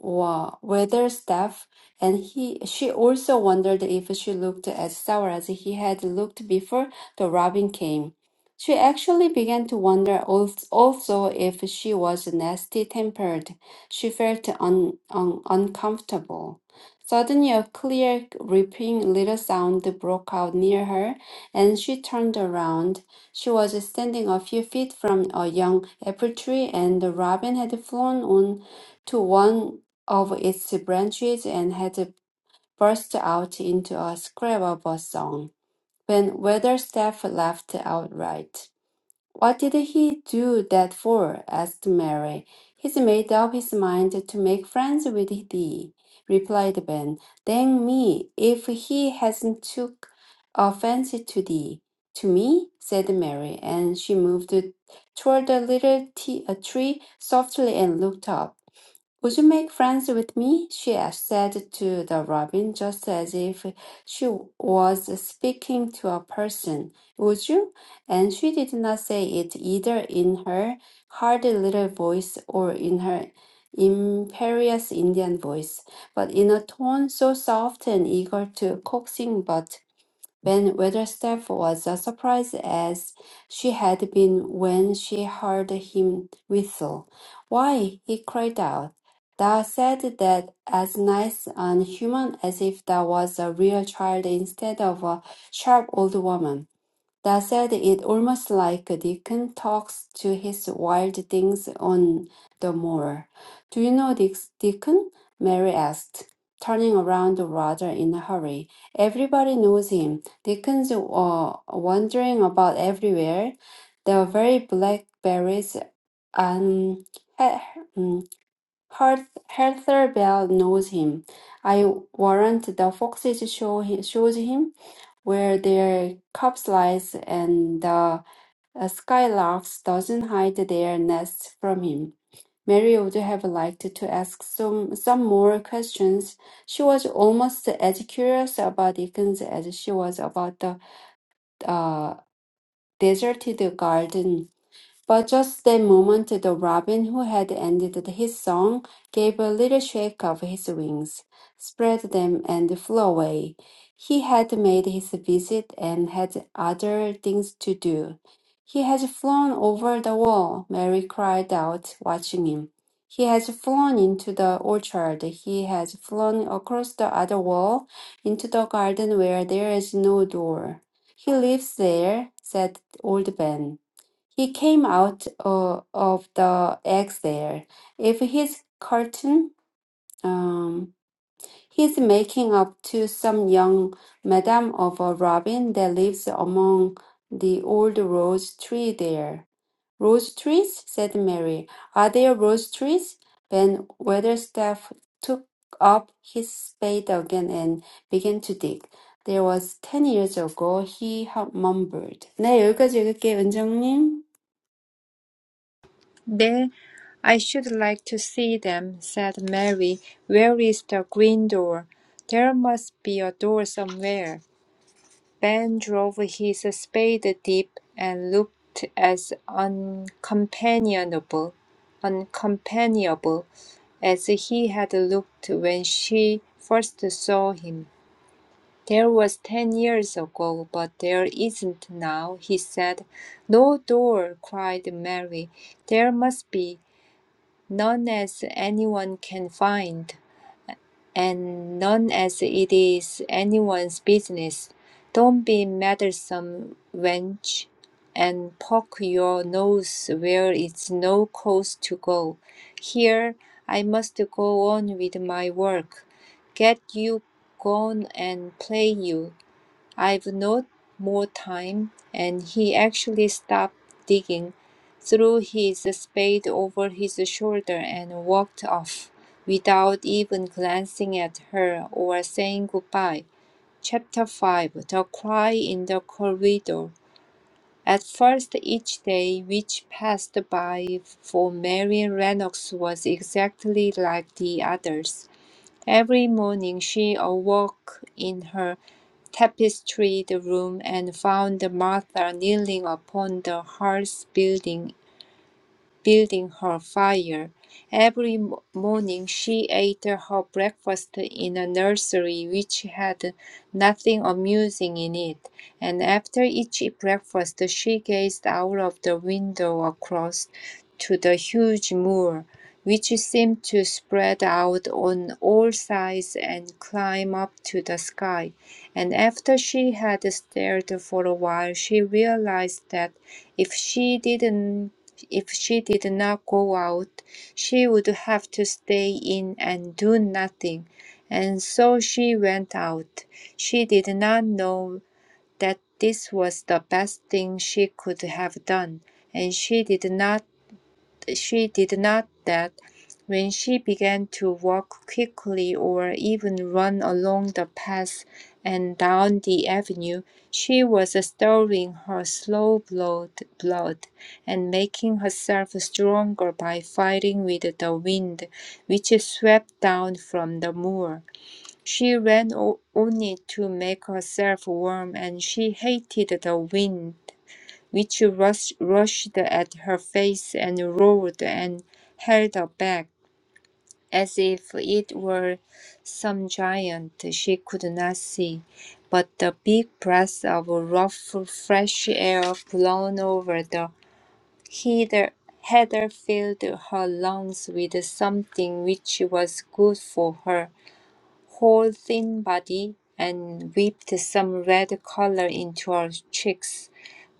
Speaker 2: wa- weather staff, and he she also wondered if she looked as sour as he had looked before the robin came. She actually began to wonder al- also if she was nasty-tempered. She felt un, un, uncomfortable. Suddenly, a clear, ripping little sound broke out near her, and she turned around. She was standing a few feet from a young apple tree, and the robin had flown on to one of its branches and had burst out into a scream of a song, when Weatherstaff laughed outright. What did he do that for? asked Mary. He's made up his mind to make friends with thee, replied Ben. Dang me, if he hasn't took a fancy to thee. To me? said Mary, and she moved toward the little t- uh, tree softly and looked up. Would you make friends with me? she said to the robin, just as if she was speaking to a person. Would you? And she did not say it either in her hard little voice or in her imperious Indian voice, but in a tone so soft and eager to coaxing but when Weatherstaff was as surprised as she had been when she heard him whistle. Why, he cried out. Thou said that as nice and human as if thou was a real child instead of a sharp old woman. That said, it almost like a Deacon talks to his wild things on the moor. Do you know this Deacon? Mary asked, turning around rather in a hurry. Everybody knows him. Dickens are wandering about everywhere. The very blackberries and Hertha Bell knows him. I warrant the foxes show hi- shows him where their cubs lies, and the skylarks doesn't hide their nests from him. Mary would have liked to ask some, some more questions. She was almost as curious about Dickens as she was about the uh, deserted garden but just that moment the robin, who had ended his song, gave a little shake of his wings, spread them, and flew away. He had made his visit and had other things to do. He has flown over the wall, Mary cried out, watching him. He has flown into the orchard. He has flown across the other wall into the garden where there is no door. He lives there, said old Ben. He came out uh, of the exile. If he's curtain, um, he's making up to some young madam of a robin that lives among the old rose tree there. Rose trees? said Mary. Are there rose trees? Ben Weatherstaff took up his spade again and began to dig. There was ten years ago, he mumbled. 네, 여기까지 읽을게요, 원장님.
Speaker 3: "There, I should like to see them," said Mary. "Where is the green door? There must be a door somewhere." Ben drove his spade deep and looked as uncompanionable, uncompanionable as he had looked when she first saw him. "There was ten years ago, but there isn't now," he said. "No door!" cried Mary. "There must be none as anyone can find, and none as it is anyone's business. Don't be meddlesome, wench, and poke your nose where it's no cause to go. Here I must go on with my work. Get you gone and play you. I've no more time, and he actually stopped digging, threw his spade over his shoulder, and walked off without even glancing at her or saying goodbye. Chapter 5 The Cry in the Corridor. At first, each day which passed by for Marian Lennox was exactly like the others. Every morning she awoke in her tapestried room and found Martha kneeling upon the hearth building building her fire. Every mo- morning she ate her breakfast in a nursery which had nothing amusing in it, and after each breakfast she gazed out of the window across to the huge moor, which seemed to spread out on all sides and climb up to the sky. And after she had stared for a while, she realized that if she didn't if she did not go out, she would have to stay in and do nothing, and so she went out. She did not know that this was the best thing she could have done, and she did not she did not that when she began to walk quickly or even run along the path and down the avenue, she was stirring her slow blood, blood and making herself stronger by fighting with the wind which swept down from the moor. She ran o- only to make herself warm, and she hated the wind which rush, rushed at her face and roared and held her back as if it were some giant she could not see. But the big breath of rough, fresh air blown over the heather, heather filled her lungs with something which was good for her whole thin body and whipped some red color into her cheeks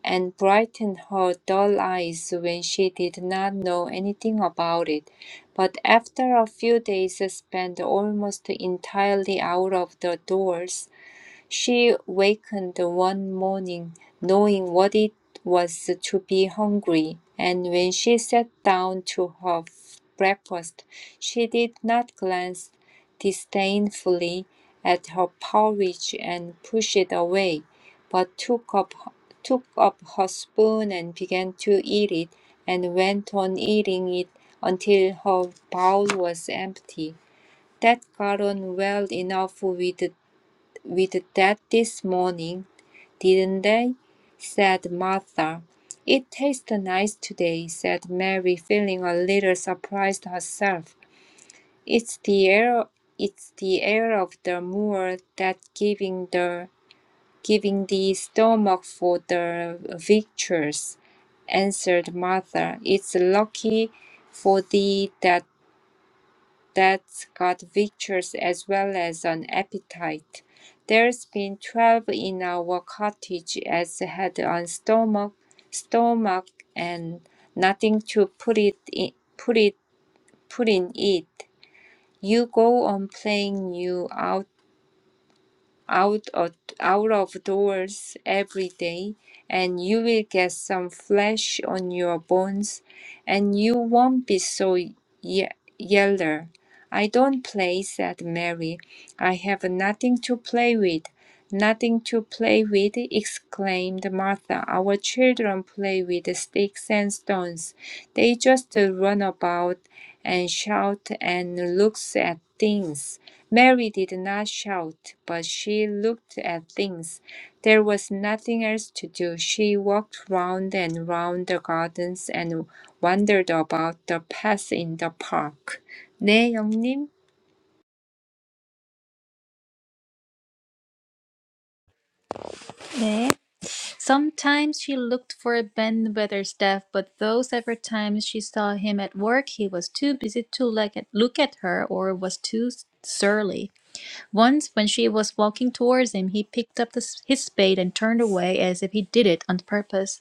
Speaker 3: and brightened her dull eyes when she did not know anything about it. But after a few days spent almost entirely out of the doors, she wakened one morning knowing what it was to be hungry, and when she sat down to her breakfast, she did not glance disdainfully at her porridge and push it away, but took up, took up her spoon and began to eat it, and went on eating it until her bowl was empty. That got on well enough with with that this morning, didn't they? said Martha. It tastes nice today, said Mary, feeling a little surprised herself. It's the air it's the air of the moor that giving the giving the stomach for the victuals, answered Martha. It's lucky for thee that that's got pictures as well as an appetite. There's been twelve in our cottage as had on stomach, stomach and nothing to put it in, put it, put in it. You go on playing you out of, out of doors every day, and you will get some flesh on your bones, and you won't be so ye- yeller. I don't play, said Mary. I have nothing to play with. Nothing to play with, exclaimed Martha. Our children play with sticks and stones, they just run about and shout and looks at things. Mary did not shout, but she looked at things. There was nothing else to do. She walked round and round the gardens and wondered about the paths in the park. 네, 영님.
Speaker 1: Sometimes she looked for Ben Wether's death, but those ever times she saw him at work, he was too busy to look at, look at her or was too surly. Once, when she was walking towards him, he picked up the, his spade and turned away as if he did it on purpose.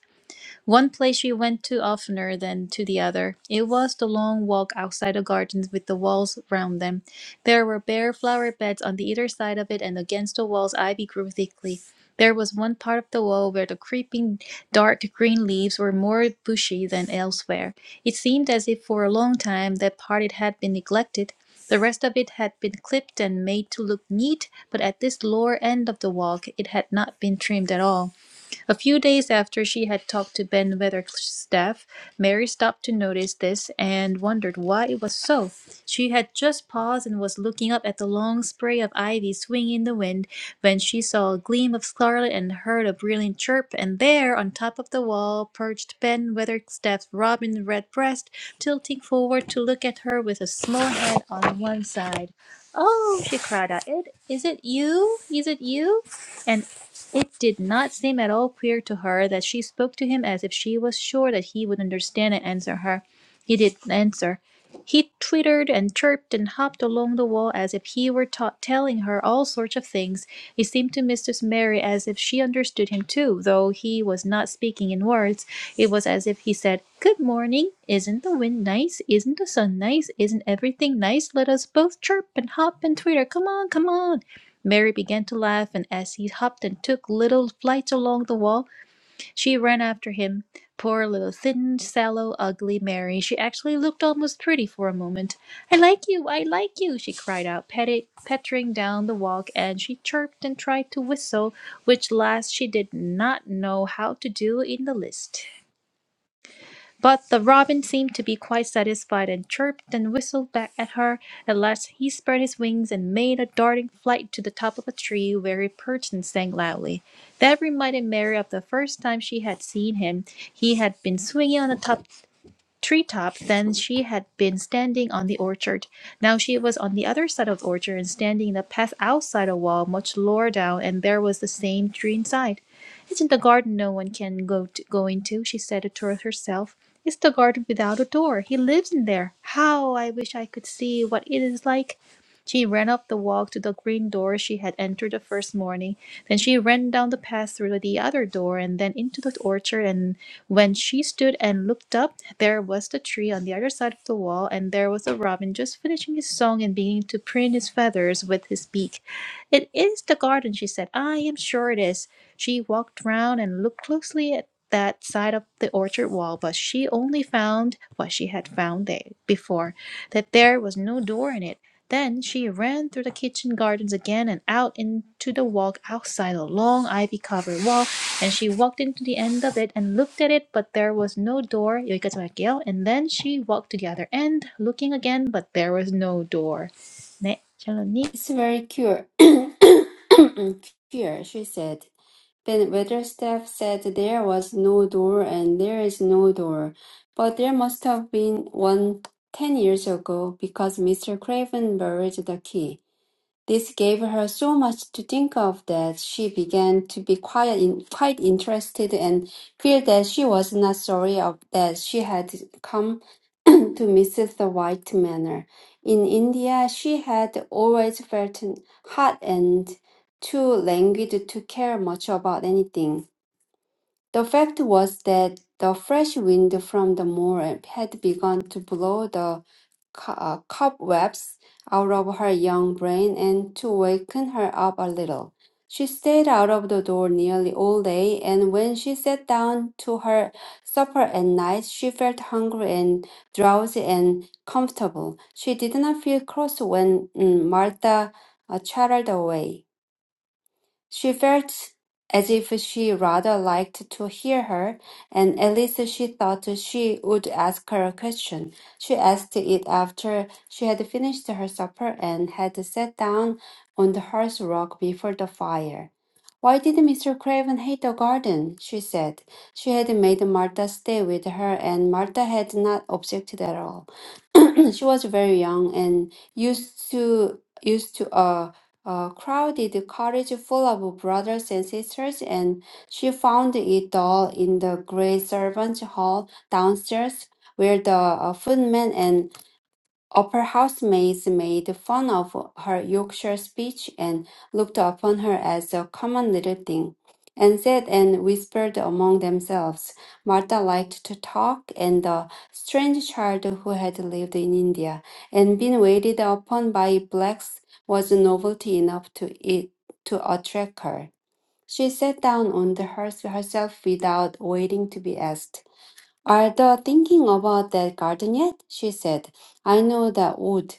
Speaker 1: One place we went to oftener than to the other. It was the long walk outside the gardens with the walls round them. There were bare flower beds on the either side of it, and against the walls ivy grew thickly. There was one part of the wall where the creeping dark green leaves were more bushy than elsewhere. It seemed as if for a long time that part it had been neglected. The rest of it had been clipped and made to look neat, but at this lower end of the walk it had not been trimmed at all. A few days after she had talked to Ben Weatherstaff, Mary stopped to notice this and wondered why it was so. She had just paused and was looking up at the long spray of ivy swinging in the wind when she saw a gleam of scarlet and heard a brilliant chirp, and there, on top of the wall, perched Ben Weatherstaff's robin redbreast, tilting forward to look at her with a small head on one side. Oh, she cried out, it, is it you? Is it you? And. It did not seem at all queer to her that she spoke to him as if she was sure that he would understand and answer her. He didn't answer. He twittered and chirped and hopped along the wall as if he were ta- telling her all sorts of things. It seemed to Mistress Mary as if she understood him too, though he was not speaking in words. It was as if he said, Good morning. Isn't the wind nice? Isn't the sun nice? Isn't everything nice? Let us both chirp and hop and twitter. Come on, come on. Mary began to laugh, and as he hopped and took little flights along the wall, she ran after him. Poor little thin, sallow, ugly Mary. She actually looked almost pretty for a moment. I like you, I like you, she cried out, petting, pattering down the walk, and she chirped and tried to whistle, which last she did not know how to do in the least. But the robin seemed to be quite satisfied, and chirped and whistled back at her. At last he spread his wings and made a darting flight to the top of a tree, where he perched and sang loudly. That reminded Mary of the first time she had seen him. He had been swinging on the top treetop than she had been standing on the orchard. Now she was on the other side of the orchard and standing in a path outside a wall much lower down, and there was the same tree inside. Isn't the garden no one can go, to, go into? she said to herself. It's the garden without a door. He lives in there. How I wish I could see what it is like. She ran up the walk to the green door she had entered the first morning. Then she ran down the path through the other door and then into the orchard. and. When she stood and looked up, there was the tree on the other side of the wall, and there was a robin just finishing his song and beginning to preen his feathers with his beak. It is the garden, she said. I am sure it is. She walked round and looked closely at that side of the orchard wall, but she only found what she had found there before, that there was no door in it. Then she ran through the kitchen gardens again and out into the walk outside a long ivy covered wall and she walked into the end of it and looked at it but there was no door 여기까지 할게요 and then she walked to the other end looking again but there was no door 네 샬롯님
Speaker 2: It's very cure. Queer, she said. Ben Weatherstaff said there was no door and there is no door, but there must have been one ten years ago because Mr. Craven buried the key. This gave her so much to think of that she began to be quite, in, quite interested and feel that she was not sorry of that she had come to Mrs. White Manor. In India, she had always felt hot and too languid to care much about anything. The fact was that the fresh wind from the moor had begun to blow the co- uh, cobwebs out of her young brain and to waken her up a little. She stayed out of the door nearly all day, and when she sat down to her supper at night, she felt hungry and drowsy and comfortable. She did not feel cross when mm, Martha uh, chattered away. She felt as if she rather liked to hear her, and at least she thought she would ask her a question. She asked it after she had finished her supper and had sat down on the hearth rug before the fire. Why did Mr. Craven hate the garden? she said. She had made Martha stay with her, and Martha had not objected at all. she was very young and used to used to a a crowded cottage full of brothers and sisters, and she found it all in the great servants' hall downstairs, where the uh, footmen and Opera housemaids made fun of her Yorkshire speech and looked upon her as a common little thing, and said and whispered among themselves. Martha liked to talk, and the strange child who had lived in India and been waited upon by blacks was novelty enough to it to attract her. She sat down on the hearse herself without waiting to be asked. Are thou thinking about that garden yet? she said. I know that wood.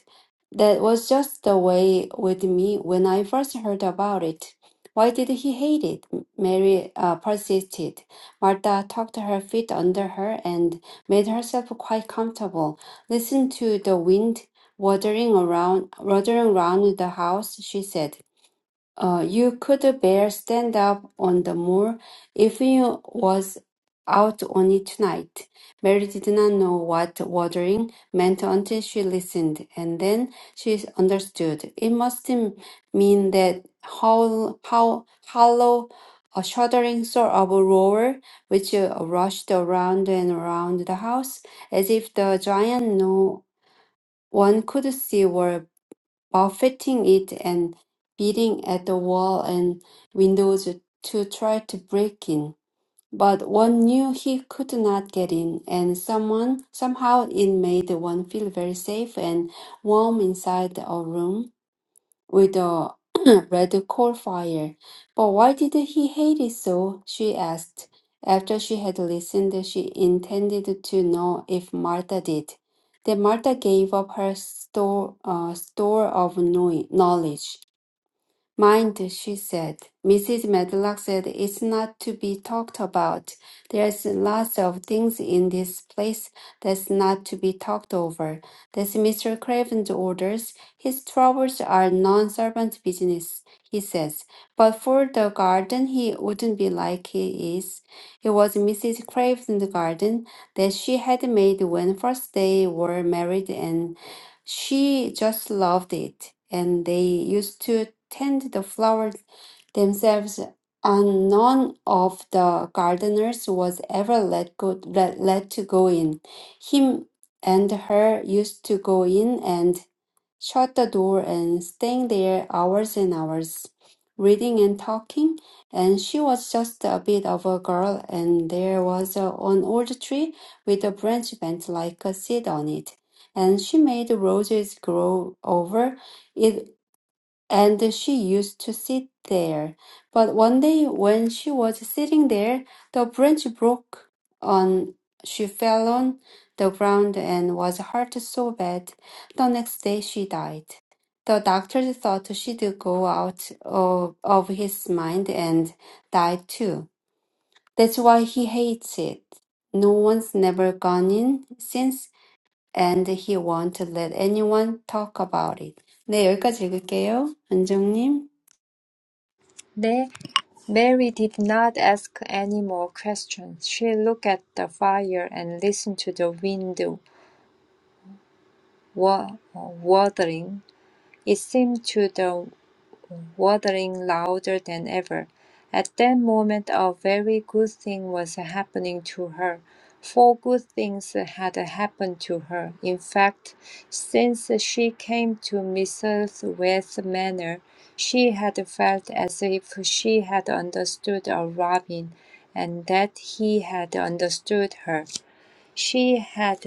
Speaker 2: That was just the way with me when I first heard about it. Why did he hate it? Mary uh, persisted. Martha tucked her feet under her and made herself quite comfortable. Listen to the wind watering around, watering around the house, she said. Uh, you could bear stand up on the moor if you was out on it tonight. Mary did not know what watering meant until she listened, and then she understood. It must mean that howl, how hollow, a shuddering sort of a roar which uh, rushed around and around the house, as if the giant no one could see were buffeting it and beating at the wall and windows to try to break in. But one knew he could not get in, and someone somehow it made one feel very safe and warm inside a room with a red coal fire. But why did he hate it so? she asked. After she had listened, she intended to know if Martha did. Then Martha gave up her store, uh, store of know- knowledge. Mind, she said. Mrs. Medlock said it's not to be talked about. There's lots of things in this place that's not to be talked over. That's Mr. Craven's orders. His troubles are non-servant business, he says. But for the garden, he wouldn't be like he is. It was Mrs. Craven's garden that she had made when first they were married and." She just loved it, and they used to tend the flowers themselves, and none of the gardeners was ever let go let, let to go in. Him and her used to go in, and shut the door and staying there hours and hours, reading and talking. And she was just a bit of a girl, and there was a, an old tree with a branch bent like a seed on it. And she made roses grow over it and she used to sit there. But one day when she was sitting there, the branch broke on she fell on the ground and was hurt so bad. The next day she died. The doctor thought she'd go out of, of his mind and die too. That's why he hates it. No one's never gone in since, and he won't let anyone talk about it. 네, 여기까지 읽을게요. 안정님.
Speaker 3: 네, Mary did not ask any more questions. She looked at the fire and listened to the wind wa- uh, wuthering. It seemed to the waddling louder than ever. At that moment a very good thing was happening to her. Four good things had happened to her. In fact, since she came to Mrs. West Manor, she had felt as if she had understood a robin, and that he had understood her. She had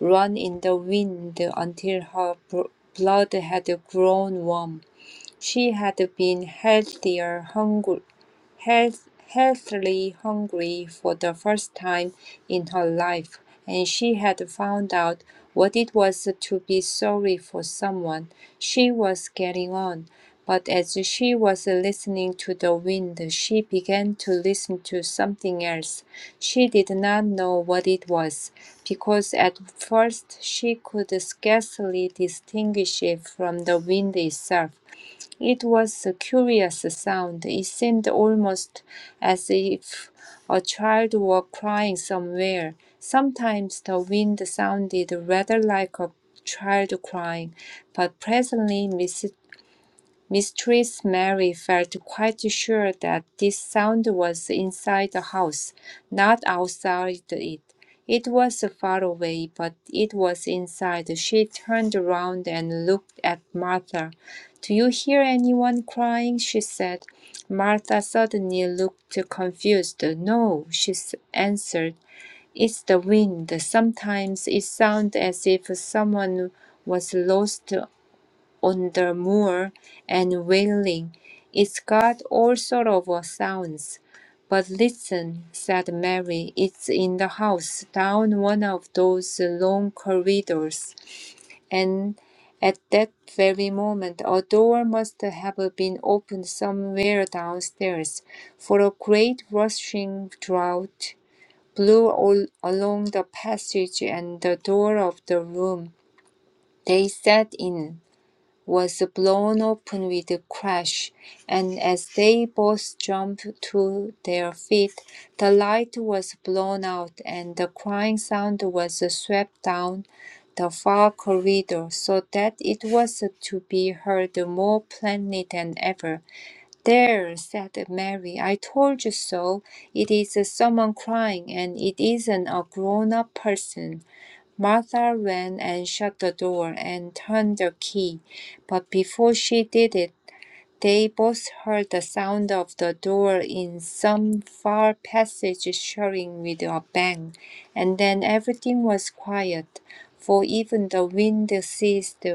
Speaker 3: run in the wind until her bl- blood had grown warm. She had been healthier hungry, health, healthily hungry for the first time in her life, and she had found out what it was to be sorry for someone. She was getting on, but as she was listening to the wind, she began to listen to something else. She did not know what it was, because at first she could scarcely distinguish it from the wind itself. It was a curious sound. It seemed almost as if a child were crying somewhere. Sometimes the wind sounded rather like a child crying, but presently Miss. Mistress Mary felt quite sure that this sound was inside the house, not outside it. It was far away, but it was inside. She turned around and looked at Martha. Do you hear anyone crying? she said. Martha suddenly looked confused. No, she answered. It's the wind. Sometimes it sounds as if someone was lost on the moor and wailing. It's got all sort of uh, sounds. But listen, said Mary, it's in the house, down one of those long corridors. And at that very moment, a door must have been opened somewhere downstairs, for a great rushing draught blew all along the passage and the door of the room they sat in was blown open with a crash, and as they both jumped to their feet, the light was blown out and the crying sound was swept down the far corridor so that it was to be heard more plainly than ever. There, said Mary, I told you so. It is someone crying, and it isn't a grown up person. Martha ran and shut the door and turned the key, but before she did it, they both heard the sound of the door in some far passage shutting with a bang, and then everything was quiet, for even the wind ceased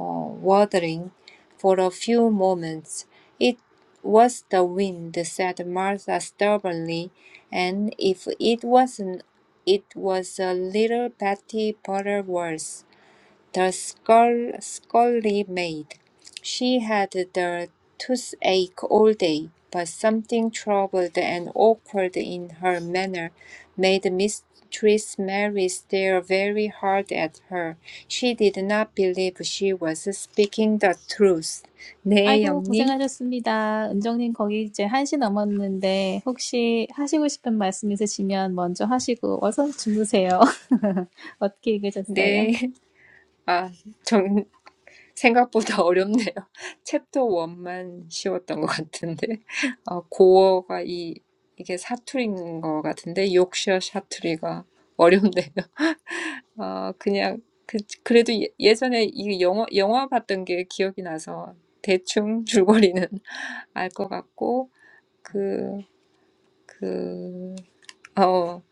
Speaker 3: uh, waddling for a few moments. It was the wind, said Martha stubbornly, and if it wasn't, it was a little Betty Butterworth. The skull scully maid. She had the toothache all day, but something troubled and awkward in her manner made Mistress Mary stare very hard at her. She did not believe she was speaking the truth. 네,
Speaker 1: 아이고,
Speaker 3: 영님.
Speaker 1: 고생하셨습니다. 은정님, 거기 이제 1시 넘었는데, 혹시 하시고 싶은 말씀 있으시면 먼저 하시고, 어서 주무세요. 어떻게 읽으셨어요?
Speaker 3: 네. 아, 정. 생각보다 어렵네요. 챕터 1만 쉬웠던 것 같은데. 어, 고어가 이, 이게 사투리인 것 같은데, 욕셔 사투리가 어렵네요. 어, 그냥, 그, 그래도 예- 예전에 이 영화, 영화 봤던 게 기억이 나서 대충 줄거리는 알것 같고, 그, 그, 어,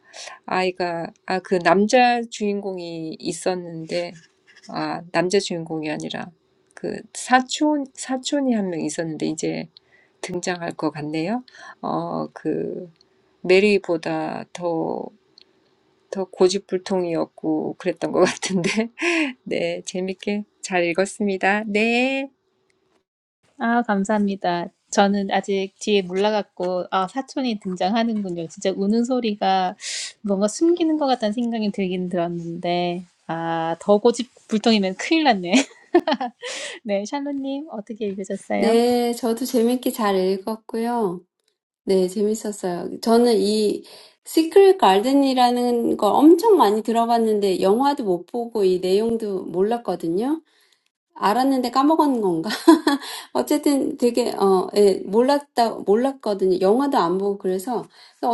Speaker 3: 아이가, 아, 그 남자 주인공이 있었는데, 아, 남자 주인공이 아니라 그 사촌 사촌이 한 명 있었는데 이제 등장할 것 같네요. 어, 그 메리보다 더 더 고집불통이었고 그랬던 것 같은데. 네, 재밌게 잘 읽었습니다. 네.
Speaker 1: 아, 감사합니다. 저는 아직 뒤에 몰라갖고, 아, 사촌이 등장하는군요. 진짜 우는 소리가 뭔가 숨기는 것 같다는 생각이 들긴 들었는데, 아, 더 고집불통이면 큰일 났네. 네, 샬로님, 어떻게 읽으셨어요?
Speaker 2: 네, 저도 재밌게 잘 읽었고요. 네, 재밌었어요. 저는 이 시크릿 가든이라는 걸 엄청 많이 들어봤는데 영화도 못 보고 이 내용도 몰랐거든요. 알았는데 까먹은 건가? 어쨌든 되게 어, 예, 몰랐다 몰랐거든요. 영화도 안 보고 그래서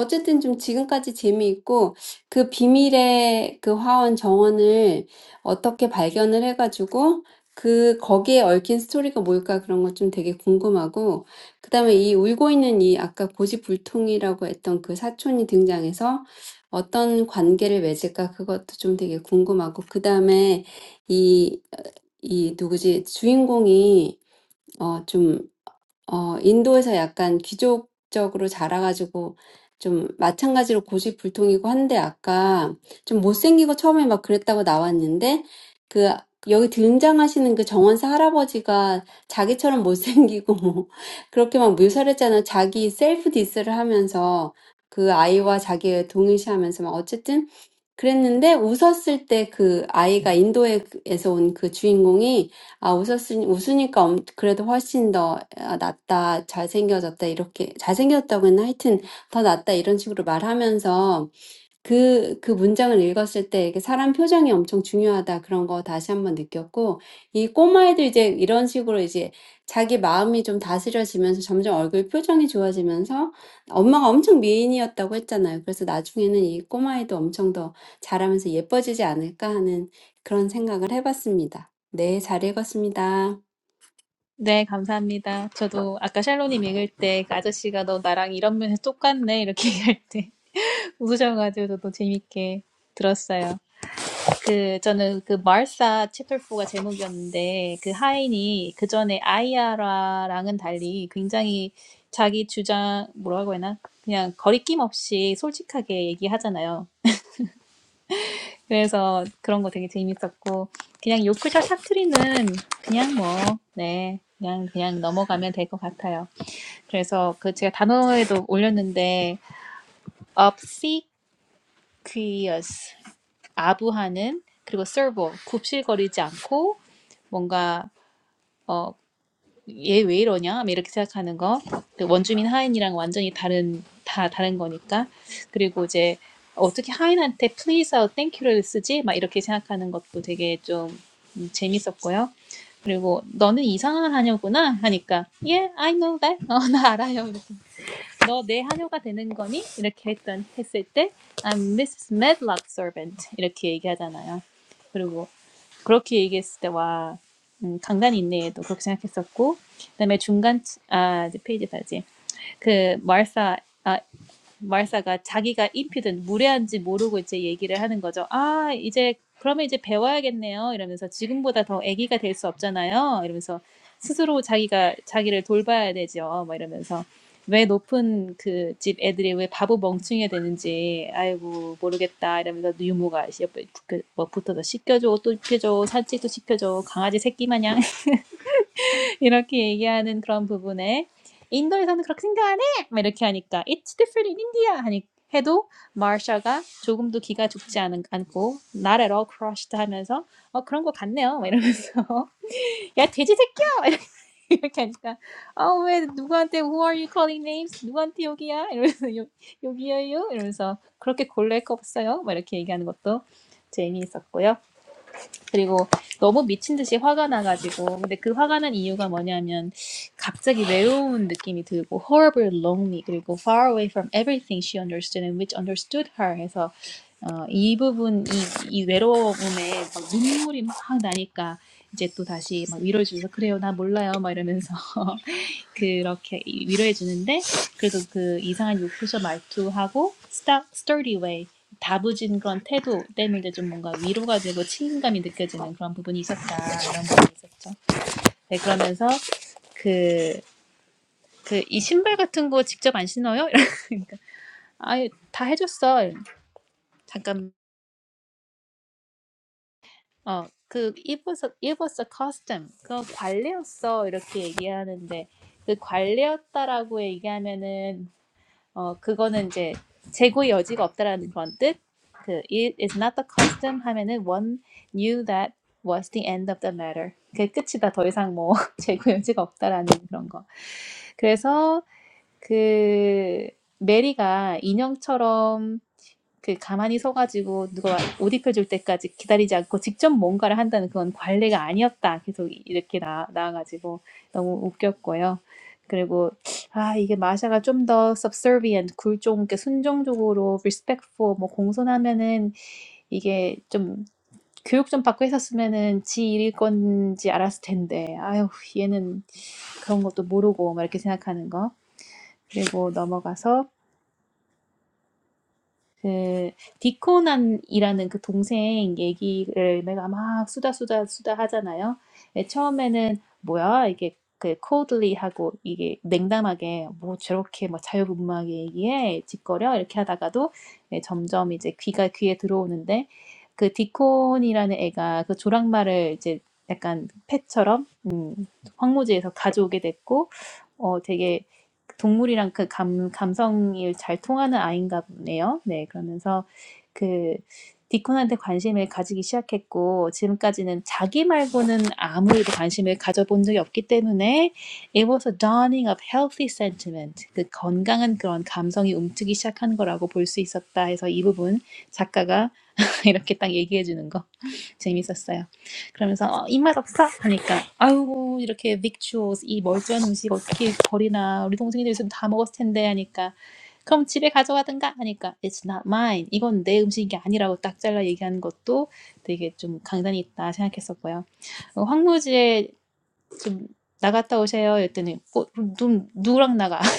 Speaker 2: 어쨌든 좀 지금까지 재미있고 그 비밀의 그 화원 정원을 어떻게 발견을 해가지고 그 거기에 얽힌 스토리가 뭘까 그런 것 좀 되게 궁금하고 그다음에 이 울고 있는 이 아까 고지불통이라고 했던 그 사촌이 등장해서 어떤 관계를 맺을까 그것도 좀 되게 궁금하고 그다음에 이 이 누구지 주인공이 어좀 어, 인도에서 약간 귀족적으로 자라가지고 좀 마찬가지로 고집불통이고 한데 아까 좀 못생기고 처음에 막 그랬다고 나왔는데 그 여기 등장하시는 그 정원사 할아버지가 자기처럼 못생기고 뭐 그렇게 막 묘사를 했잖아요. 자기 셀프 디스를 하면서 그 아이와 자기의 동일시하면서 막 어쨌든 그랬는데 웃었을 때그 아이가 인도에서 온그 주인공이 아, 웃었으, 웃으니까 엄- 그래도 훨씬 더 아, 낫다, 잘생겨졌다, 이렇게, 잘생겼다고는 하여튼 더 낫다, 이런 식으로 말하면서 그, 그 문장을 읽었을 때 이게 사람 표정이 엄청 중요하다 그런 거 다시 한번 느꼈고 이 꼬마애도 이제 이런 식으로 이제 자기 마음이 좀 다스려지면서 점점 얼굴 표정이 좋아지면서 엄마가 엄청 미인이었다고 했잖아요. 그래서 나중에는 이 꼬마애도 엄청 더 자라면서 예뻐지지 않을까 하는 그런 생각을 해봤습니다. 네, 잘 읽었습니다.
Speaker 1: 네, 감사합니다. 저도 아까 샬로님 읽을 때그 아저씨가 너 나랑 이런 면에서 똑같네, 이렇게 얘기할 때 웃으셔가지고 저도 재밌게 들었어요. 그 저는 그 마르사 채플포가 제목이었는데 그 하인이 그 전에 아이아라랑은 달리 굉장히 자기 주장 뭐라고 해나 그냥 거리낌 없이 솔직하게 얘기하잖아요. 그래서 그런 거 되게 재밌었고 그냥 요크셔 사투리는 그냥 뭐네 그냥 그냥 넘어가면 될 것 같아요. 그래서 그 제가 단어에도 올렸는데 obsequious 아부하는 그리고 servo 굽실거리지 않고 뭔가 어, 얘 왜 이러냐? 이렇게 생각하는 거. 그 원주민 하인이랑 완전히 다른 다 다른 거니까. 그리고 이제 어떻게 하인한테 please or thank you를 쓰지? 막 이렇게 생각하는 것도 되게 좀 음, 재밌었고요. 그리고 너는 이상한 하녀구나 하니까 yeah I know that 어, 나 알아요 너 내 하녀가 되는 거니? 이렇게 했던 했을 때 I'm Mrs. Medlock servant 이렇게 얘기하잖아요. 그리고 그렇게 얘기했을 때와 음, 강단 인내에도 그렇게 생각했었고 그다음에 중간 아 이제 페이지까지 그 마르사 아, 마을사가 자기가 인피든 무례한지 모르고 이제 얘기를 하는 거죠. 아, 이제 그러면 이제 배워야겠네요. 이러면서 지금보다 더 애기가 될 수 없잖아요. 이러면서 스스로 자기가 자기를 돌봐야 되죠. 막 이러면서 왜 높은 그 집 애들이 왜 바보 멍충이가 되는지 아이고 모르겠다 이러면서 유모가 옆에 붙- 그- 뭐 붙어서 씻겨줘 또 입혀줘 산책도 시켜줘 강아지 새끼 마냥 이렇게 얘기하는 그런 부분에 인도에서는 그렇게 생각 안 해! 막 이렇게 하니까 It's different in India! 하니 해도 마샤가 조금도 기가 죽지 않은, 않고 Not at all crushed 하면서 어 그런 거 같네요 막 이러면서 야 돼지 새끼야! 막 이렇게 이렇게 하니까 아왜 누구한테 Who are you calling names? 누구한테 여기야? 이러면서 여, 여기예요? 이러면서 그렇게 골랄 거 없어요? 막 이렇게 얘기하는 것도 재미있었고요 그리고 너무 미친 듯이 화가 나가지고 근데 그 화가 난 이유가 뭐냐면 갑자기 외로운 느낌이 들고 horrible lonely 그리고 far away from everything she understood and which understood her 해서 어, 이 부분 이, 이 외로움에 막 눈물이 막 나니까 이제 또 다시 막 위로해 주면서 그래요 나 몰라요 막 이러면서 그렇게 위로해 주는데 그래도 그 이상한 욕구셔 말투하고 스타, sturdy way 다부진 그런 태도 때문에 좀 뭔가 위로가 되고 책임감이 느껴지는 그런 부분이 있었다 이런 부분이 있었죠. 네 그러면서 그 그 이 신발 같은 거 직접 안 신어요? 그러니까 아예 다 해줬어. 잠깐 어그 it was a, it was a custom 그거 관례였어 이렇게 얘기하는데 그 관례였다라고 얘기하면은 어, 그거는 이제 재고의 여지가 없다라는 그런 뜻. 그 it is not the custom 하면은 one knew that was the end of the matter. 그게 끝이다. 더 이상 뭐 재고 여지가 없다라는 그런 거. 그래서 그 메리가 인형처럼 그 가만히 서가지고 누가 옷 입혀줄 때까지 기다리지 않고 직접 뭔가를 한다는 그건 관례가 아니었다. 계속 이렇게 나, 나와가지고 너무 웃겼고요. 그리고 아 이게 마샤가 좀 더 subservient, 굴종, 이렇게 순종적으로 respectful, 뭐 공손하면은 이게 좀 교육 좀 받고 했었으면은 지 일일 건지 알았을 텐데 아유 얘는 그런 것도 모르고 막 이렇게 생각하는 거. 그리고 넘어가서 그 디코난이라는 그 동생 얘기를 내가 막 수다 수다 수다 하잖아요. 예, 처음에는 뭐야 이게 그 coldly하고 이게 냉담하게 뭐 저렇게 뭐 자유분방하게 얘기해 짓거려 이렇게 하다가도 예, 점점 이제 귀가 귀에 들어오는데 그 디콘이라는 애가 그 조랑말을 이제 약간 펫처럼 음, 황무지에서 가져오게 됐고 어 되게 동물이랑 그 감, 감성이 잘 통하는 아이인가 보네요. 네, 그러면서 그 디콘한테 관심을 가지기 시작했고 지금까지는 자기 말고는 아무에도 관심을 가져본 적이 없기 때문에 it was a dawning of healthy sentiment 그 건강한 그런 감성이 움트기 시작한 거라고 볼 수 있었다 해서 이 부분 작가가 이렇게 딱 얘기해 주는 거 재밌었어요. 그러면서 어, 입맛 없어 하니까 아우 이렇게 victuals 이 멀쩡한 음식 어떻게 버리나 우리 동생이 있으면 다 먹었을 텐데 하니까 그럼 집에 가져가든가 하니까 it's not mine 이건 내 음식이 아니라고 딱 잘라 얘기하는 것도 되게 좀 강단이 있다 생각했었고요. 어, 황무지에 좀 나갔다 오세요 했더니 어, 누, 누구랑 나가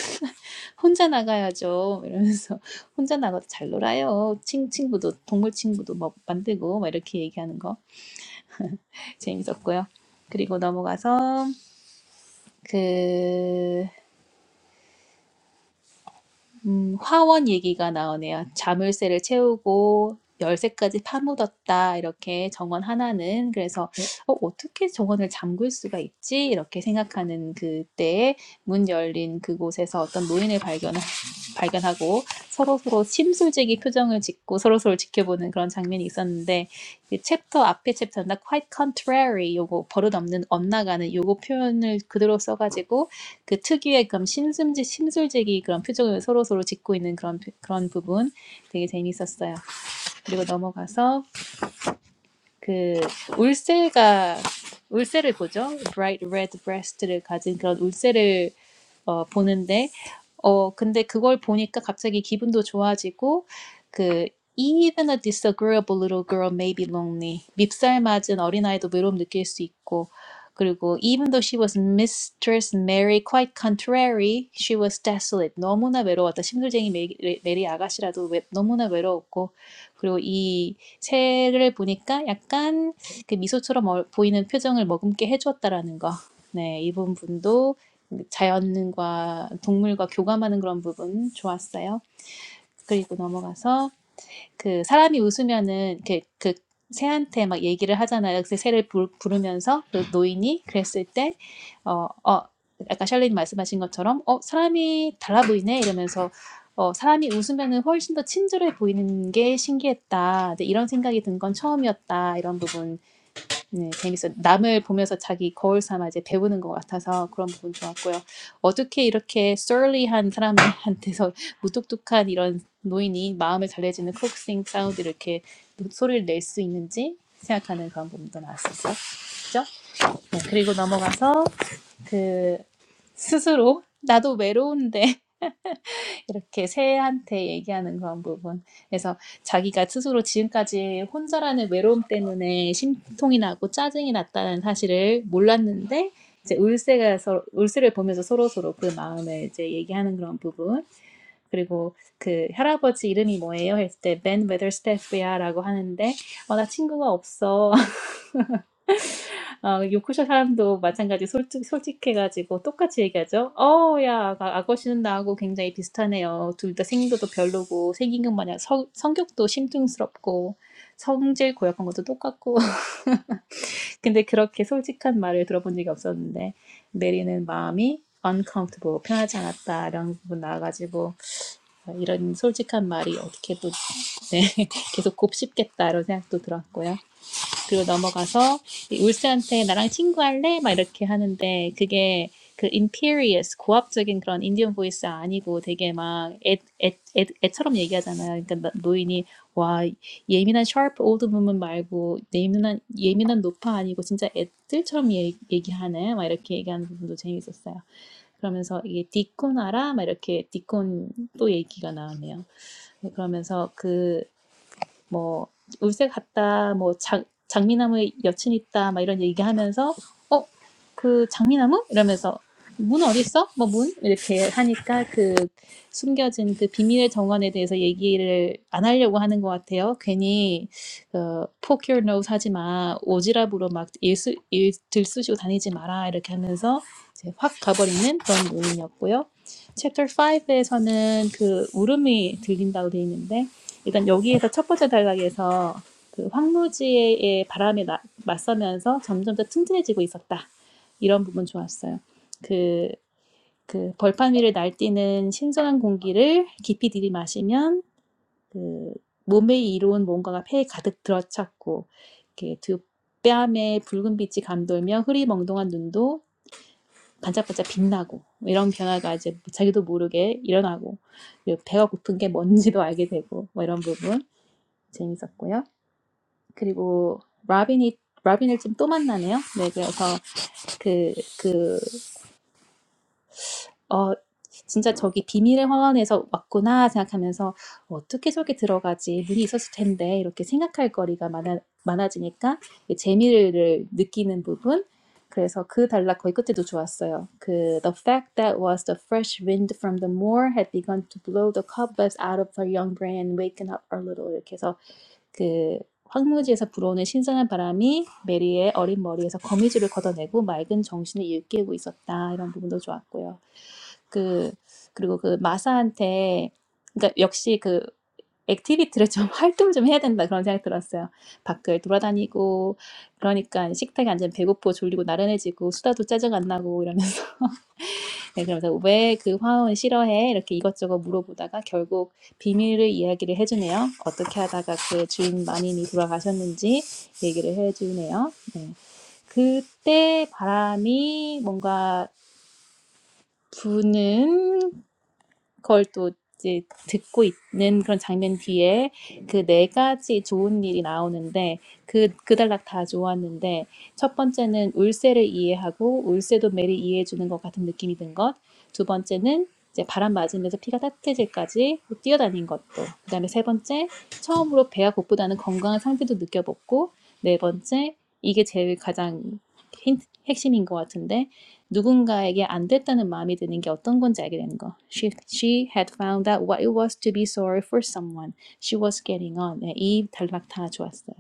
Speaker 1: 혼자 나가야죠 이러면서 혼자 나가도 잘 놀아요 친 친구도 동물 친구도 막 만들고 막 이렇게 얘기하는 거 재밌었고요. 그리고 넘어가서 그 음, 화원 얘기가 나오네요. 자물쇠를 채우고 열쇠까지 파묻었다. 이렇게 정원 하나는 그래서 네. 어, 어떻게 정원을 잠글 수가 있지? 이렇게 생각하는 그때에 문 열린 그곳에서 어떤 노인을 발견 발견하고 서로 서로 심술쟁이 표정을 짓고 서로 서로 지켜보는 그런 장면이 있었는데 이 챕터 앞에 챕터나 quite contrary 요거 버릇없는 엇나가는 요거 표현을 그대로 써가지고 그 특유의 그런 심술지 심술지기 그런 표정을 서로 서로 짓고 있는 그런 그런 부분 되게 재밌었어요. 그리고 넘어가서 그 울새가 울새를 보죠. bright red breast를 가진 그런 울새를 어, 보는데, 어, 근데 그걸 보니까 갑자기 기분도 좋아지고, 그, Even a disagreeable little girl may be lonely. Mipsal 맞은 어린아이도 외로움 느낄 수 있고 그리고 even though she was Mistress Mary, quite contrary, she was desolate. 너무나 외로웠다. 심술쟁이 메리 메리 아가씨라도 외, 너무나 외로웠고 그리고 이 색을 보니까 약간 그 미소처럼 어, 보이는 표정을 머금게 해주었다라는 거. 네 이번 분도. 자연과 동물과 교감하는 그런 부분 좋았어요. 그리고 넘어가서 그 사람이 웃으면은 그, 그 새한테 막 얘기를 하잖아요. 그래서 새를 부, 부르면서 그 노인이 그랬을 때 어, 어, 아까 샬린이 말씀하신 것처럼 어, 사람이 달라 보이네 이러면서 어, 사람이 웃으면은 훨씬 더 친절해 보이는 게 신기했다. 근데 이런 생각이 든 건 처음이었다. 이런 부분 네, 재밌어요. 남을 보면서 자기 거울 삼아 이제 배우는 것 같아서 그런 부분 좋았고요. 어떻게 이렇게 surly한 사람한테서 무뚝뚝한 이런 노인이 마음을 달래주는 크록싱 사운드 이렇게 노- 소리를 낼 수 있는지 생각하는 그런 부분도 나왔었죠. 그죠? 네, 그리고 넘어가서 그 스스로 나도 외로운데 이렇게 새한테 얘기하는 그런 부분. 그래서 자기가 스스로 지금까지 혼자라는 외로움 때문에 심통이 나고 짜증이 났다는 사실을 몰랐는데 이제 울세가 서로, 울세를 보면서 서로 서로 그 마음을 이제 얘기하는 그런 부분. 그리고 그 할아버지 이름이 뭐예요? 했을 때 Ben Weatherstaff야라고 하는데 어, 나 친구가 없어. 어, 요크셔 사람도 마찬가지 솔직, 솔직해가지고 똑같이 얘기하죠. 어, 야, 아- 아거씨는 나하고 굉장히 비슷하네요. 둘 다 생도도 별로고, 생긴 것 마냥 성, 성격도 심증스럽고, 성질 고약한 것도 똑같고. 근데 그렇게 솔직한 말을 들어본 적이 없었는데, 메리는 마음이 uncomfortable, 편하지 않았다. 이런 부분 나와가지고, 어, 이런 솔직한 말이 어떻게 또, 네, 계속 곱씹겠다. 이런 생각도 들었고요. 그리고 넘어가서 울스한테 나랑 친구할래? 막 이렇게 하는데 그게 그 imperious 고압적인 그런 인디언 보이스 아니고 되게 막 애, 애, 애, 애처럼 얘기하잖아요. 그러니까 나- 노인이 와 예민한 sharp old woman 말고 예민한 예민한 노파 아니고 진짜 애들처럼 얘, 얘기하네. 막 이렇게 얘기하는 부분도 재밌었어요. 그러면서 이게 디콘 알아? 막 이렇게 디콘 또 얘기가 나오네요. 네, 그러면서 그 뭐 울새 갔다 뭐 장, 장미나무에 여친 있다, 막 이런 얘기하면서 어? 그 장미나무? 이러면서 문 어디 있어? 뭐 문? 이렇게 하니까 그 숨겨진 그 비밀의 정원에 대해서 얘기를 안 하려고 하는 것 같아요. 괜히 그 poke your nose 하지 마, 오지랖으로 막 일수, 일 들쑤시고 다니지 마라 이렇게 하면서 이제 확 가버리는 그런 모임이었고요. 챕터 5에서는 그 울음이 들린다고 돼 있는데 일단 여기에서 첫 번째 단락에서 그 황무지의 바람에 나- 맞서면서 점점 더 튼튼해지고 있었다. 이런 부분 좋았어요. 그, 그 벌판 위를 날뛰는 신선한 공기를 깊이 들이마시면 그 몸에 이로운 뭔가가 폐에 가득 들어찼고 이렇게 두 뺨에 붉은 빛이 감돌며 흐리멍덩한 눈도 반짝반짝 빛나고 이런 변화가 이제 자기도 모르게 일어나고 배가 고픈 게 뭔지도 알게 되고 뭐 이런 부분 재밌었고요. 그리고 라빈이 라빈을 좀또 만나네요. 네, 그래서 그그 진짜 저기 비밀의 화원에서 왔구나 생각하면서 어떻게 저기 들어가지 눈이 있었을 텐데 이렇게 생각할 거리가 많아 많아지니까 이 재미를 느끼는 부분 그래서 그 달라 거의 끝 때도 좋았어요. 그 The fact that was the fresh wind from the moor had begun to blow the cobwebs out of our young brain and waken up our little. 이렇게 해서 그 황무지에서 불어오는 신선한 바람이 메리의 어린 머리에서 거미줄을 걷어내고 맑은 정신을 일깨우고 있었다. 이런 부분도 좋았고요. 그 그리고 그 마사한테 그러니까 역시 그 액티비티를 좀 활동을 좀 해야 된다 그런 생각이 들었어요. 밖을 돌아다니고 그러니까 식탁에 앉으면 배고프고 졸리고 나른해지고 수다도 짜증 안 나고 이러면서 네, 그러면서 왜 그 화원 싫어해? 이렇게 이것저것 물어보다가 결국 비밀을 이야기를 해주네요. 어떻게 하다가 그 주인 마님이 돌아가셨는지 얘기를 해주네요. 네. 그때 바람이 뭔가 부는 그걸 또 이제 듣고 있는 그런 장면 뒤에 그 네 가지 좋은 일이 나오는데 그 그달락 다 좋았는데 첫 번째는 울세를 이해하고 울세도 매를 이해해 것 같은 느낌이 든 것. 두 번째는 이제 바람 맞으면서 피가 따뜻해질까지 뛰어다닌 것도. 그 다음에 세 번째 처음으로 배가 고프다는 건강한 상태도 느껴봤고 네 번째 이게 제일 가장 힌트, 핵심인 것 같은데 누군가에게 안 됐다는 마음이 드는 게 어떤 건지 알게 되는 거. She, she had found out what it was to be sorry for someone. She was getting on. 네, 이 단락 다 좋았어요.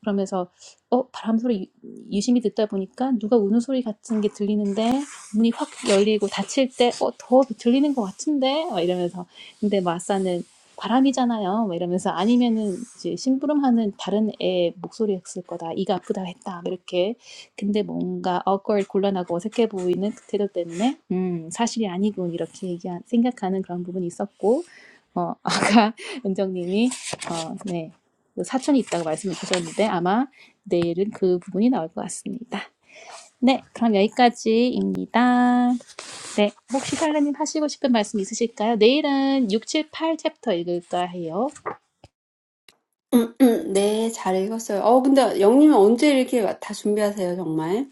Speaker 1: 그러면서 어 바람 소리 유- 유심히 듣다 보니까 누가 우는 소리 같은 게 들리는데 문이 확 열리고 닫힐 때 어 더 들리는 것 같은데 막 이러면서 근데 마사는 바람이잖아요. 막 이러면서 아니면은 이제 심부름하는 다른 애 목소리였을 거다. 이가 아프다 했다. 막 이렇게. 근데 뭔가 awkward, 곤란하고 어색해 보이는 그 태도 때문에 음, 사실이 아니군 이렇게 얘기 생각하는 그런 부분이 있었고 어, 아까 은정님이 어, 네, 그 사촌이 있다고 말씀을 주셨는데 아마 내일은 그 부분이 나올 것 같습니다. 네, 그럼 여기까지입니다. 네, 혹시 살라님 하시고 싶은 말씀 있으실까요? 내일은 6, 7, 8 챕터 읽을까 해요.
Speaker 2: 네, 잘 읽었어요. 어, 근데 영님은 언제 이렇게 다 준비하세요, 정말?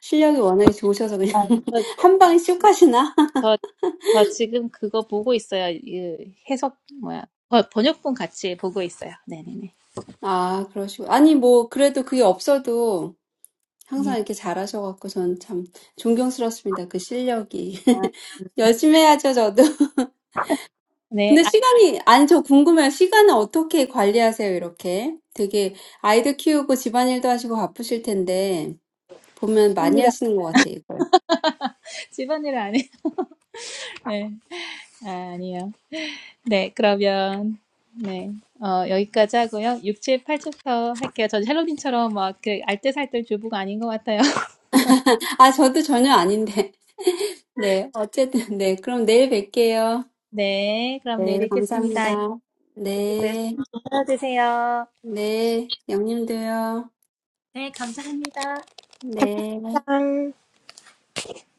Speaker 2: 실력이 워낙에 좋으셔서 그냥
Speaker 1: 아,
Speaker 2: 한 방에 쑥 하시나?
Speaker 1: 저, 저 지금 그거 보고 있어요. 이 해석 뭐야? 번- 번역본 같이 보고 있어요. 네네네.
Speaker 2: 아, 그러시고. 아니, 뭐, 그래도 그게 없어도 항상
Speaker 1: 음.
Speaker 2: 이렇게 잘하셔갖고 저는 참 존경스럽습니다. 그 실력이.
Speaker 1: 아,
Speaker 2: 열심히 해야죠, 저도.
Speaker 1: 네,
Speaker 2: 근데
Speaker 1: 아,
Speaker 2: 시간이, 아니, 저 궁금해요. 시간을 어떻게 관리하세요, 이렇게? 되게 아이들 키우고 집안일도 하시고 바쁘실 텐데, 보면 많이
Speaker 1: 집안일 안-
Speaker 2: 하시는 것 같아요, 이걸.
Speaker 1: 집안일 안 해. 네, 아, 아니요. 네, 그러면 네, 어, 여기까지 하고요. 6, 7, 8챕터 할게요. 저 헬로빈처럼 막그 알뜰살뜰 주부가 아닌 것 같아요.
Speaker 2: 아, 저도 전혀 아닌데. 네, 어쨌든, 네. 그럼 내일 뵐게요.
Speaker 1: 네, 그럼 내일
Speaker 2: 네,
Speaker 1: 뵙겠습니다.
Speaker 2: 감사합니다.
Speaker 1: 예쁘게 구해서
Speaker 2: 네.
Speaker 1: 드세요.
Speaker 2: 네, 영님도요.
Speaker 1: 네, 감사합니다.
Speaker 2: 네,
Speaker 1: 짠.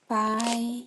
Speaker 2: 바이.